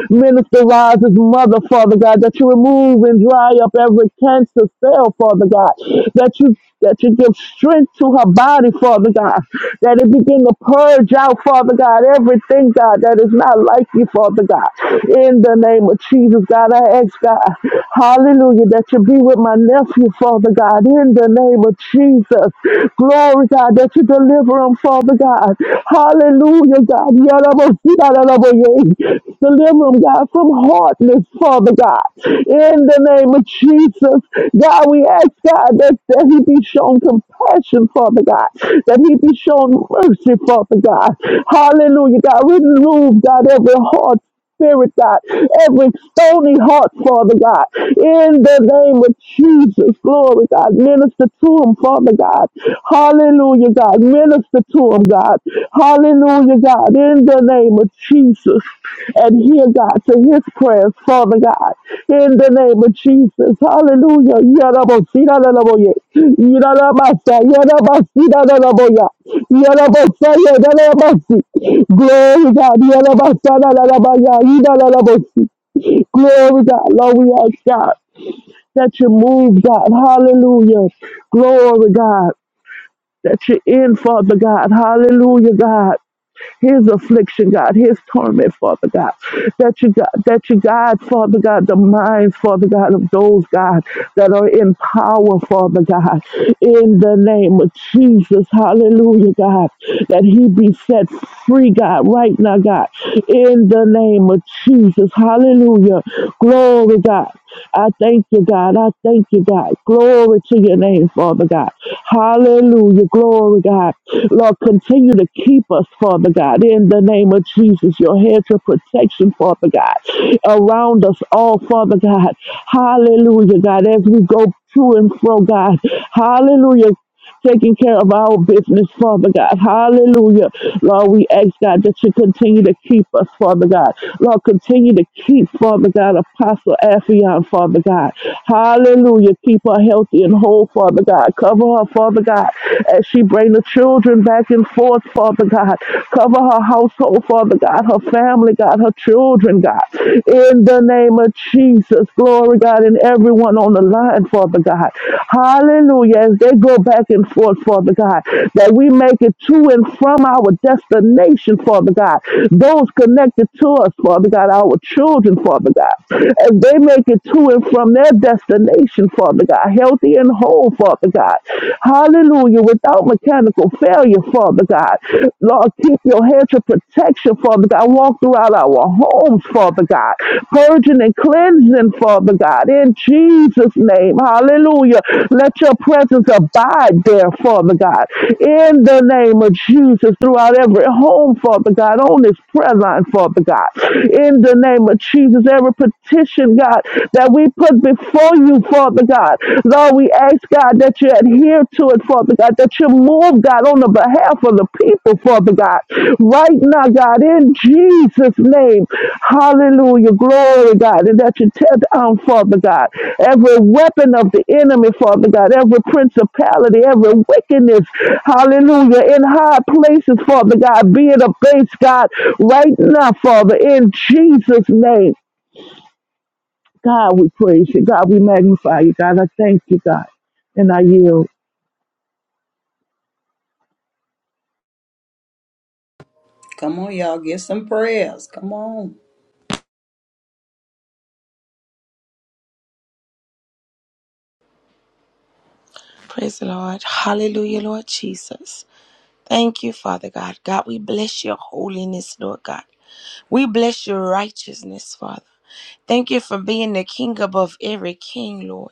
S2: Minister Rises mother, Father God, that you remove and dry up every cancer cell, Father God. That you that you give strength to her body, Father God. That it begin to purge out, Father God, everything, God, that is not like you, Father God. In the name of Jesus, God, I ask God, hallelujah. Hallelujah. That you be with my nephew, Father God, in the name of Jesus. Glory, God, that you deliver him, Father God. Hallelujah, God. Yarabosirararaboye. Deliver him, God, from hardness, Father God. In the name of Jesus, God, we ask, God, that, that he be shown compassion, Father God. That he be shown mercy, Father God. Hallelujah, God. Remove, God, every heart spirit, God. Every stony heart, Father God. In the name of Jesus, glory, God. Minister to him, Father God. Hallelujah, God. Minister to him, God. Hallelujah, God. In the name of Jesus. And hear God to his prayers, Father God, in the name of Jesus. Hallelujah. Yarabosirararaboye. Yarabasa, yarabasirararaboya. Yarabasa, yarabasi. Glory God. Yarabasarararabaya. Yarabasi. Glory God. Lord, we ask God that you move, God. Hallelujah. Glory God. That you're in, Father God. Hallelujah, God his affliction, God, his torment, Father God. That you God, that you God, Father God, the minds, Father God, of those God that are in power, Father God, in the name of Jesus, hallelujah, God, that he be set free, God, right now, God, in the name of Jesus, hallelujah, glory, God. I thank you, God. I thank you, God. Glory to your name, Father God. Hallelujah. Glory, God. Lord, continue to keep us, Father God, in the name of Jesus. Your hedge of protection, Father God, around us all, Father God. Hallelujah, God, as we go to and fro, God. Hallelujah taking care of our business, Father God. Hallelujah. Lord, we ask God that you continue to keep us, Father God. Lord, continue to keep, Father God, Apostle Affion, Father God. Hallelujah. Keep her healthy and whole, Father God. Cover her, Father God, as she bring the children back and forth, Father God. Cover her household, Father God, her family, God, her children, God. In the name of Jesus, glory, God, and everyone on the line, Father God. Hallelujah. As they go back and forth, Father God, that we make it to and from our destination, Father God. Those connected to us, Father God, our children, Father God. As they make it to and from their destination, Father God are healthy and whole, Father God. Hallelujah. Without mechanical failure, Father God. Lord, keep your hedge of protection, Father God. Walk throughout our homes, Father God. Purging and cleansing, Father God. In Jesus' name. Hallelujah. Let your presence abide there, Father God. In the name of Jesus, throughout every home, Father God, on this prayer line, Father God. In the name of Jesus, every petition, God, that we we put before you, Father God. Lord, we ask, God, that you adhere to it, Father God, that you move, God, on the behalf of the people, Father God. Right now, God, in Jesus' name, hallelujah, glory, God, and that you tear down, Father God, every weapon of the enemy, Father God, every principality, every wickedness, hallelujah, in high places, Father God, be it a base, God, right now, Father, in Jesus' name. God, we praise you. God, we magnify you. God, I thank you, God. And I yield.
S3: Praise the Lord. Hallelujah, Lord Jesus. Thank you, Father God. God, we bless your holiness, Lord God. We bless your righteousness, Father. Thank you for being the King above every king, Lord.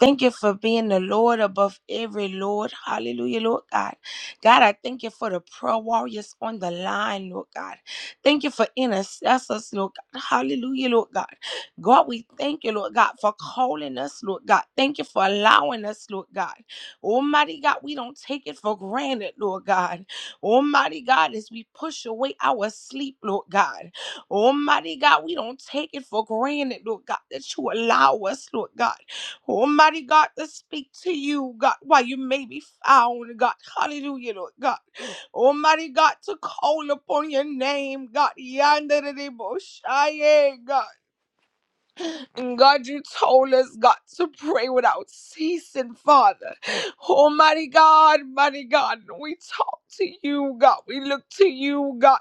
S3: Thank you for being the Lord above every Lord. Hallelujah, Lord God. God, I thank you for the prayer warriors on the line, Lord God. Thank you for intercessors, Lord God. Hallelujah, Lord God. God, we thank you, Lord God, for calling us, Lord God. Thank you for allowing us, Lord God. Almighty God, we don't take it for granted, Lord God. Almighty God, as we push away our sleep, Lord God. Almighty God, we don't take it for granted, Lord God, that you allow us, Lord God Almighty God, to speak to you, God, while you may be found, God. Hallelujah, Lord God. Almighty God, to call upon your name, God. Yandere God. And God, you told us, God, to pray without ceasing, Father. Almighty God, mighty God, we talk to you, God. We look to you, God,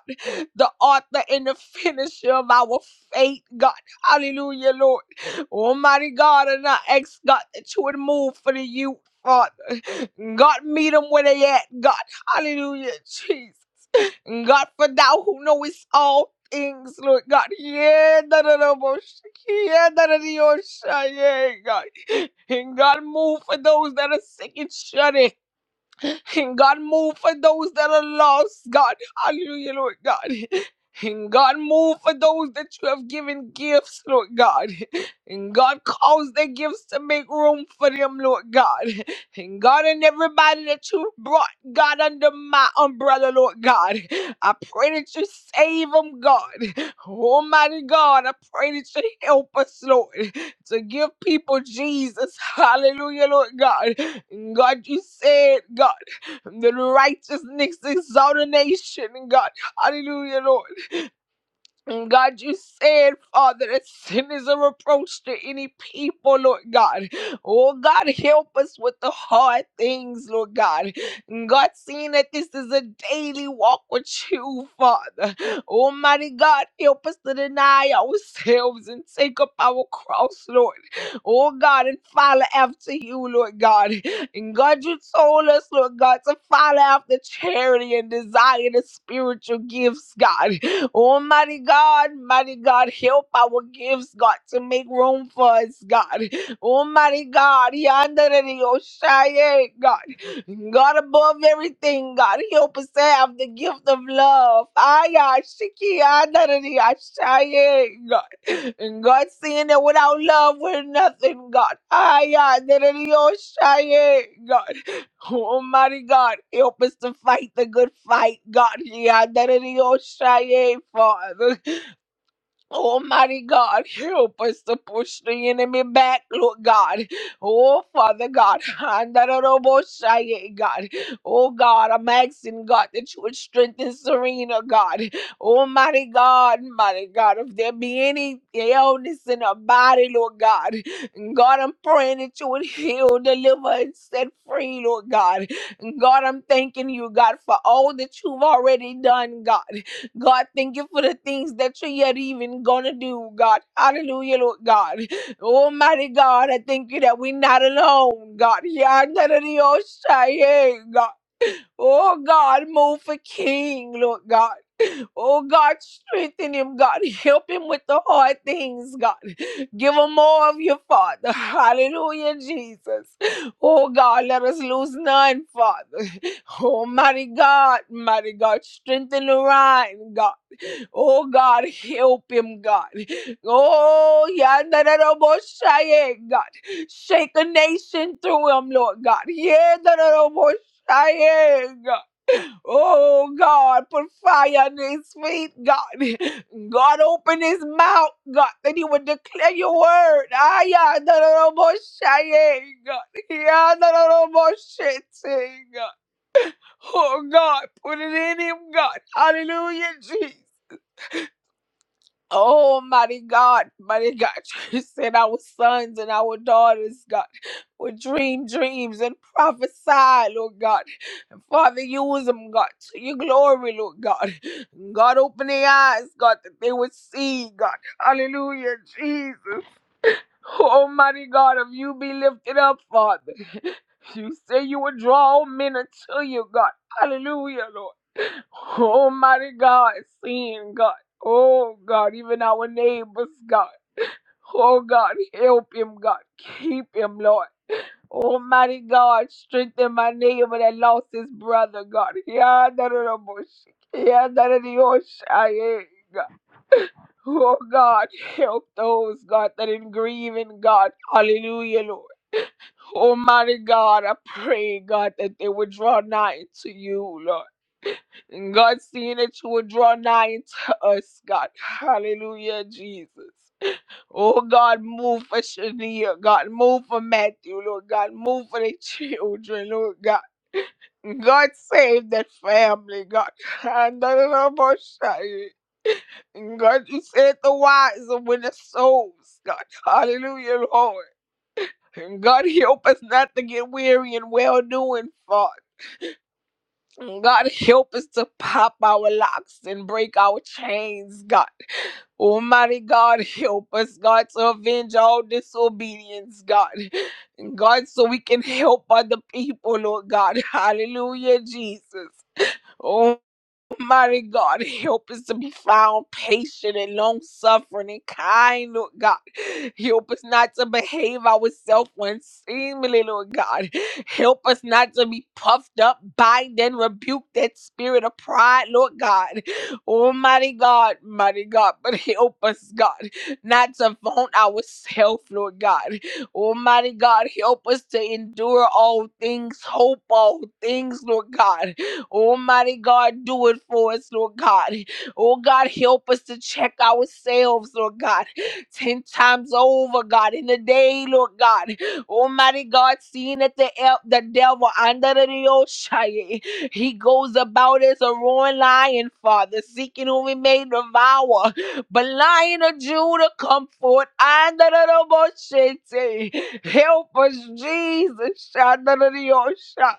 S3: the author and the finisher of our faith, God. Hallelujah, Lord. Almighty God, and I ask, God, that you would move for the youth, Father. God, meet them where they at, God. Hallelujah, Jesus. God, for thou who knowest all things, Lord God. Yeah, da da da bo- yeah, da da da, yo, sha- yeah, God. And God, move for those that are sick and shut in. And God, move for those that are lost, God. Hallelujah, Lord God. And God, move for those that you have given gifts, Lord God. And God, cause their gifts to make room for them, Lord God. And God, and everybody that you brought, God, under my umbrella, Lord God. I pray that you save them, God. Almighty God, I pray that you help us, Lord, to give people Jesus. Hallelujah, Lord God. And God, you said, God the righteousness, exaltation, God. Hallelujah, Lord. And God, you said, Father, that sin is a reproach to any people, Lord God. Oh, God, help us with the hard things, Lord God. And God, seeing that this is a daily walk with you, Father. Almighty God, help us to deny ourselves and take up our cross, Lord. Oh, God, and follow after you, Lord God. And God, you told us, Lord God, to follow after charity and desire the spiritual gifts, God. Almighty God, mighty God, help our gifts, God, to make room for us, God. Almighty God, Yandarariyoshaye, God. God above everything, God, help us to have the gift of love. Ayashiki, yandarariyoshaye, God. And God, seeing that without love, we're nothing, God. Ayandarariyoshaye, God. Almighty God, help us to fight the good fight, God. Yeah, that it is your shy, Father. Almighty God, help us to push the enemy back, Lord God. Oh, Father God. Andararoboshaya, God. Oh, God, I'm asking, God, that you would strengthen Serena, God. Almighty God, mighty God, if there be any illness in her body, Lord God, God, I'm praying that you would heal, deliver, and set free, Lord God. God, I'm thanking you, God, for all that you've already done, God. God, thank you for the things that you're even gonna do, God. Hallelujah, Lord God. Almighty God, I thank you that we're not alone, God. Yandararioshai, God. Oh God, move for King, Lord God. Oh God, strengthen him, God. Help him with the hard things, God. Give him more of your Father. Hallelujah, Jesus. Oh God, let us lose none, Father. Almighty God, mighty God, strengthen the Ryan, God. Oh God, help him, God. Oh, Yandaraboshaye, God. Shake a nation through him, Lord God. Yandaraboshaye, God. Oh God, put fire on his feet, God. God, open his mouth, God, that he would declare your word. Ah, Yandaraboshaye, God. Yandaraboshaye, God. Oh God, put it in him, God. Hallelujah, Jesus. Oh, mighty God, mighty God, you said our sons and our daughters, God, would dream dreams and prophesy, Lord God. And Father, use them, God, to your glory, Lord God. God, open their eyes, God, that they would see, God. Hallelujah, Jesus. Almighty God, if you be lifted up, Father. You say you would draw all men unto you, God. Hallelujah, Lord. Almighty God, sin God. Oh, God, even our neighbors, God. Oh, God, help him, God. Keep him, Lord. Almighty God, strengthen my neighbor that lost his brother, God. Yeah, that is a bush. Yeah, that is the ocean. Yeah, God. Oh, God, help those, God, that in grieving, God. Hallelujah, Lord. Almighty God, I pray, God, that they would draw nigh to you, Lord. God, seeing that you would draw nigh into us, God. Hallelujah, Jesus. Oh, God, move for Shania. God, move for Matthew, Lord God. Move for the children, Lord God. God save that family, God. And I don't know about Shia. God, you said the wise and win the souls, God. Hallelujah, Lord. And God, help us not to get weary and well doing, Father. Mm, God, help us to pop our locks and break our chains, God. Almighty God, help us, God, to avenge all disobedience, God. God, so we can help other people, Lord God. Hallelujah, Jesus. Oh. Mighty God, help us to be found patient and long suffering and kind, Lord God. Help us not to behave ourselves unseemly, Lord God. Help us not to be puffed up, bind and rebuke that spirit of pride, Lord God. Almighty God, mighty God, but help us, God, not to vaunt ourselves, Lord God. Almighty God, help us to endure all things, hope all things, Lord God. Almighty God, do it for us, Lord God. Oh God, help us to check ourselves, Lord God, 10 times over, God, in the day, Lord God. Almighty God, seeing that the, el- the devil under the ocean, he goes about as a roaring lion, Father, seeking whom he may devour. But Lion of Judah, come forth under the ocean. Help us, Jesus, under the ocean.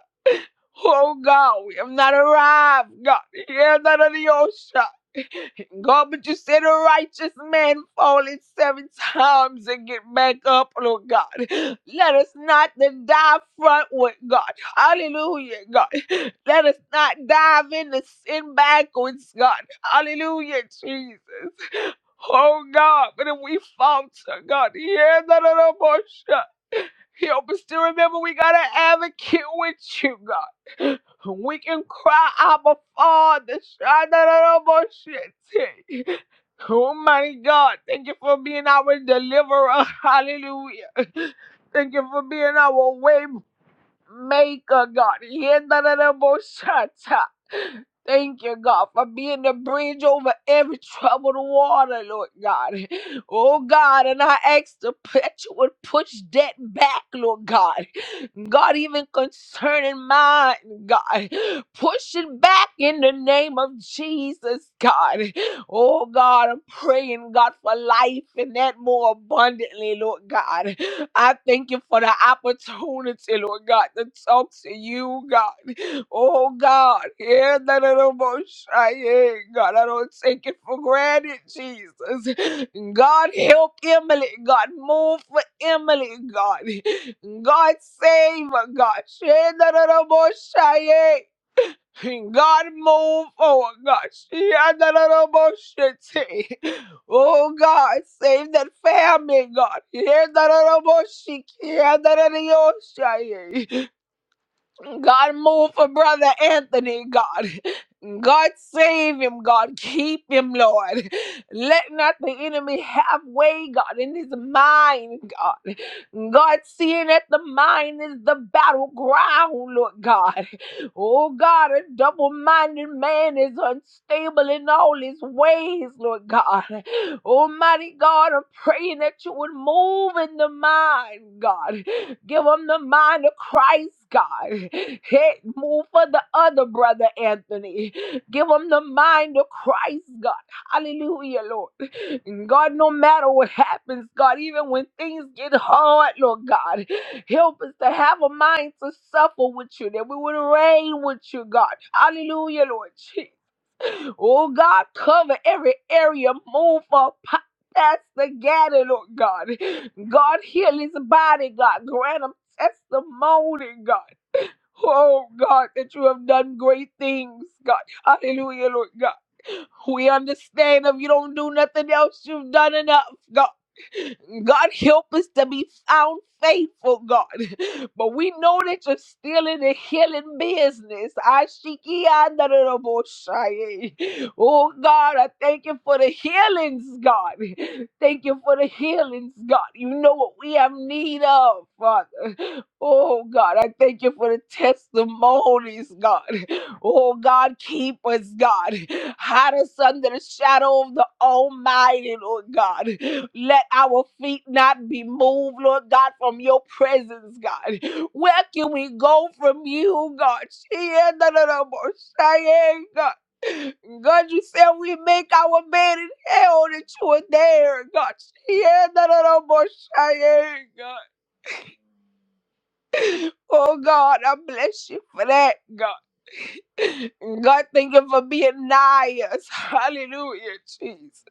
S3: Oh God, we have not arrived, God. Hear none of the ocean. God, but you said a righteous man falling seven times and get back up, Lord God. Let us not then dive frontward, God. Hallelujah, God. Let us not dive into sin backwards, God. Hallelujah, Jesus. Oh God, but if we falter, God, hear that of the ocean. Help us to remember we got an advocate with you, God. We can cry Abba Father. sha da da da ba Almighty God, thank you for being our deliverer. Hallelujah. Thank you for being our way make, oh God. Yendarabosata. Thank you, God, for being the bridge over every troubled water, Lord God. Oh, God, and I ask to p- that you would push that back, Lord God. God, even concerning mine, God, push it back in the name of Jesus, God. Oh God, I'm praying, God, for life and that more abundantly, Lord God. I thank you for the opportunity, Lord God, to talk to you, God. Oh God, yeah, that little bush, I don't know, shy, yeah, God, I don't take it for granted, Jesus. God, help Emily, God, move for Emily, God. God, save her, God. Yeah, that I'm little bush, God move forward, God. She had that little bullshit. Oh God, save that family, God. He had that little bullshit. He had that little bullshit. God move for brother Anthony, God. God save him, God keep him, Lord. Let not the enemy have way, God, in his mind, God. God, seeing that the mind is the battleground, Lord God. Oh God, a double minded man is unstable in all his ways, Lord God. Almighty God, I'm praying that you would move in the mind, God. Give him the mind of Christ, God. Hey, move for the other brother, Anthony. Give him the mind of Christ, God. Hallelujah, Lord. And God, no matter what happens, God, even when things get hard, Lord God, help us to have a mind to suffer with you, that we would reign with you, God. Hallelujah, Lord. Oh God, cover every area. Move for pa- Pastor Gannon, oh God. God, heal his body, God. Grant him testimony, God. Oh God, that you have done great things, God. Hallelujah, Lord God. We understand if you don't do nothing else, you've done enough, God. God, help us to be found faithful, God. But we know that you're still in the healing business. Ashiki andaraboshaye. Oh, God, I thank you for the healings, God. Thank you for the healings, God. You know what we have need of, Father. Oh, God, I thank you for the testimonies, God. Oh God, keep us, God. Hide us under the shadow of the Almighty, Lord God. Let our feet not be moved, Lord God, from your presence, God. Where can we go from you, God? God. God, you said we make our bed in hell that you are there, God. God. Oh God, I bless you for that, God. God, thank you for being nigh us. Hallelujah, Jesus.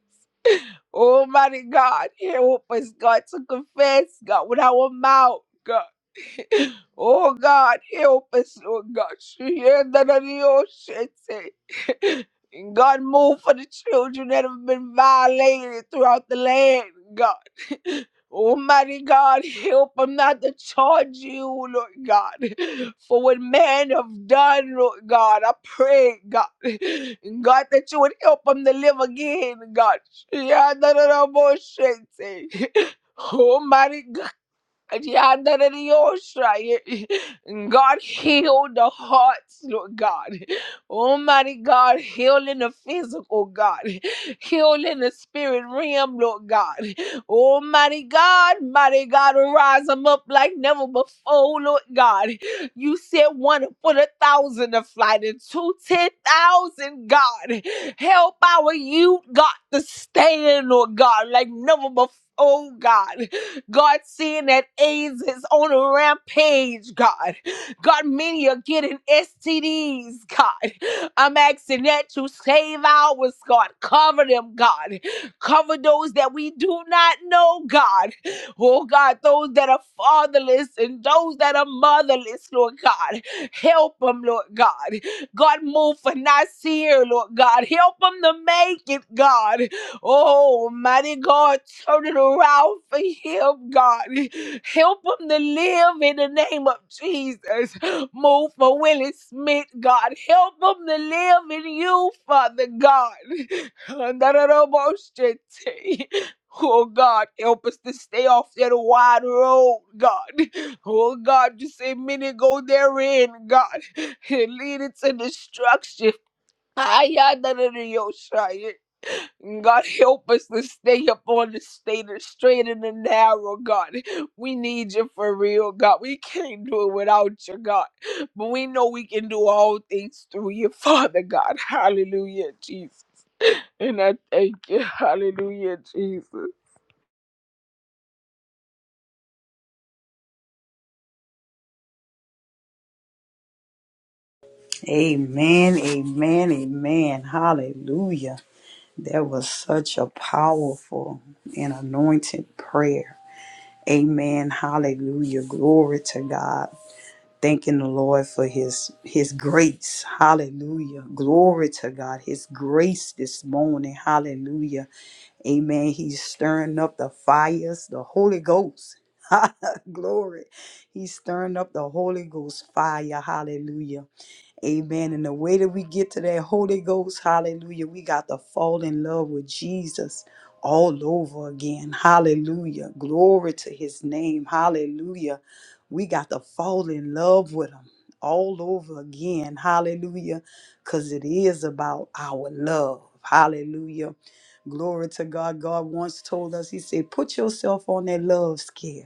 S3: Almighty God, help us, God, to confess, God, with our mouth. God. Oh God, help us, Lord God. Hear that on God, move for the children that have been violated throughout the land, God. Almighty God, help them not to charge you, Lord God, for what man have done, Lord God. I pray, God, God, that you would help them to live again, God. Almighty yeah, that it is yours, right? God heal the hearts, Lord God. Almighty God, heal in the physical, God. Heal in the spirit realm, Lord God. Almighty God, mighty God, rise them up like never before, Lord God. You said one to put a thousand to flight and two ten thousand, God. Help our youth, God, to stand, Lord God, like never before. Oh God. God, seeing that AIDS is on a rampage, God. God, many are getting STDs, God. I'm asking that you save ours, God. Cover them, God. Cover those that we do not know, God. Oh, God, those that are fatherless and those that are motherless, Lord God. Help them, Lord God. God, move for Nasir, Lord God. Help them to make it, God. Oh, mighty God, turn it around for him, God. Help him to live in the name of Jesus. Move for Willie Smith, God. Help him to live in you, Father God. Oh God, help us to stay off that wide road, God. Oh God, you say many go therein, God, and lead it to destruction. Ay, ay, da, da, da, yo, shy. Mm, God help us to stay up on the state straight and the narrow, God. We need you for real, God. We can't do it without you, God. But we know we can do all things through you, Father God. Hallelujah, Jesus. And I thank you. Hallelujah, Jesus.
S1: Amen, amen, amen. Hallelujah. That was such a powerful and anointed prayer. Amen. Hallelujah. Glory to God. thanking the Lord for his his grace. Hallelujah. Glory to God. His grace this morning. Hallelujah. Amen. He's stirring up the fires, the Holy Ghost. Glory. He's stirring up the Holy Ghost fire. Hallelujah. Amen. And the way that we get to that Holy Ghost, hallelujah, we got to fall in love with Jesus all over again. Hallelujah. Glory to his name. Hallelujah. We got to fall in love with him all over again. Hallelujah. Because it is about our love. Hallelujah. Glory to God. God once told us, He said, put yourself on that love scale.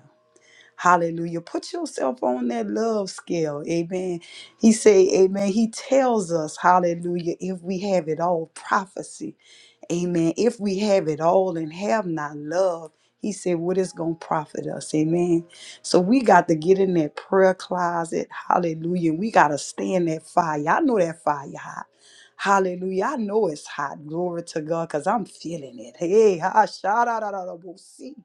S1: Hallelujah. Put yourself on that love scale. Amen. He say, Amen. He tells us, Hallelujah, if we have it all, prophecy. Amen. If we have it all and have not love, he said, what is going to profit us? Amen. So we got to get in that prayer closet. Hallelujah. We got to stay in that fire. I know that fire hot. Hallelujah. I know it's hot. Glory to God because I'm feeling it. Hey, ha, sha, da, da, da, da, bo, see.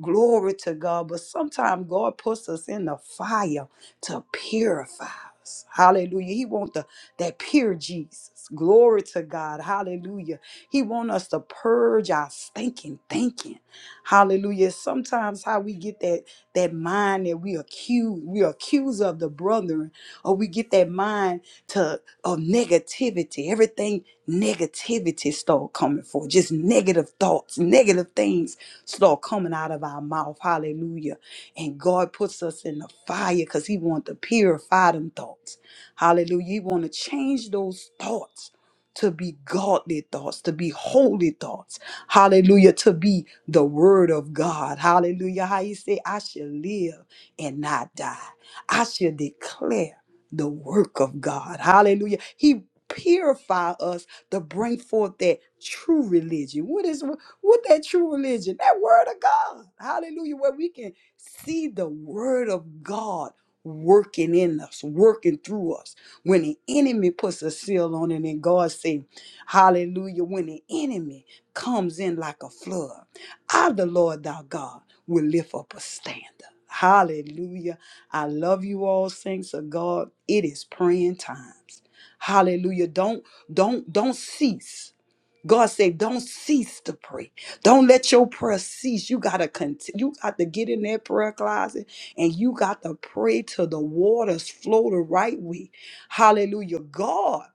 S1: Glory to God. But sometimes God puts us in the fire to purify us. Hallelujah. He wants the that pure Jesus. Glory to God. Hallelujah. He wants us to purge our stinking thinking. Hallelujah. Sometimes how we get that that mind that we accuse we accuse of the brethren, or we get that mind to of negativity. Everything negativity start coming forth. Just negative thoughts, negative things start coming out of our mouth. Hallelujah. And God puts us in the fire because He wants to purify them thoughts. Hallelujah. He want to change those thoughts to be godly thoughts, to be holy thoughts. Hallelujah. To be the word of God. Hallelujah. How you say, I shall live and not die. I shall declare the work of God. Hallelujah. He purify us to bring forth that true religion. whats with that true religion, that word of God. Hallelujah. Where we can see the word of God working in us, working through us. When the enemy puts a seal on it, and God say, Hallelujah. When the enemy comes in like a flood, I, the Lord thy God, will lift up a standard. Hallelujah. I love you all, saints of God. It is praying times. Hallelujah. Don't don't don't cease. God said, don't cease to pray. Don't let your prayer cease. You gotta continue. You got to get in that prayer closet and you got to pray till the waters flow the right way. Hallelujah. God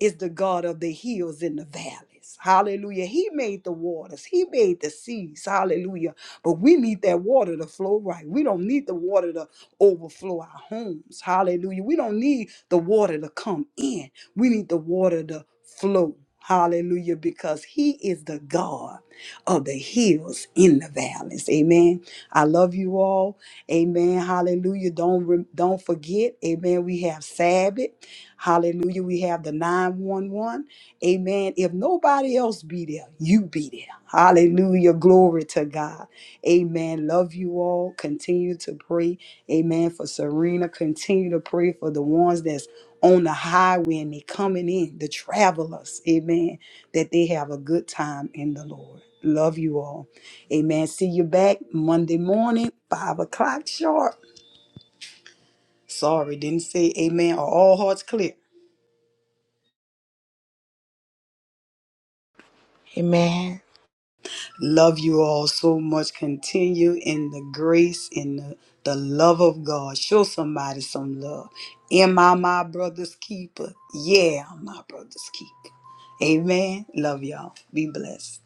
S1: is the God of the hills and the valleys. Hallelujah. He made the waters, He made the seas. Hallelujah. But we need that water to flow right. We don't need the water to overflow our homes. Hallelujah. We don't need the water to come in, we need the water to flow. Hallelujah, because He is the God of the hills in the valleys. Amen. I love you all. Amen. Hallelujah. Don't re- don't forget. Amen. We have Sabbath. Hallelujah. We have the 911. Amen. If nobody else be there, you be there. Hallelujah. Glory to God. Amen. Love you all. Continue to pray. Amen. For Serena, continue to pray for the ones that's on the highway and they coming in, the travelers. Amen. That they have a good time in the Lord. Love you all. Amen. See you back Monday morning, five o'clock sharp. Sorry, didn't say amen or all hearts clear.
S3: Amen.
S1: Love you all so much. Continue in the grace, and the, the love of God. Show somebody some love. Am I my brother's keeper? Yeah, I'm my brother's keeper. Amen. Love y'all. Be blessed.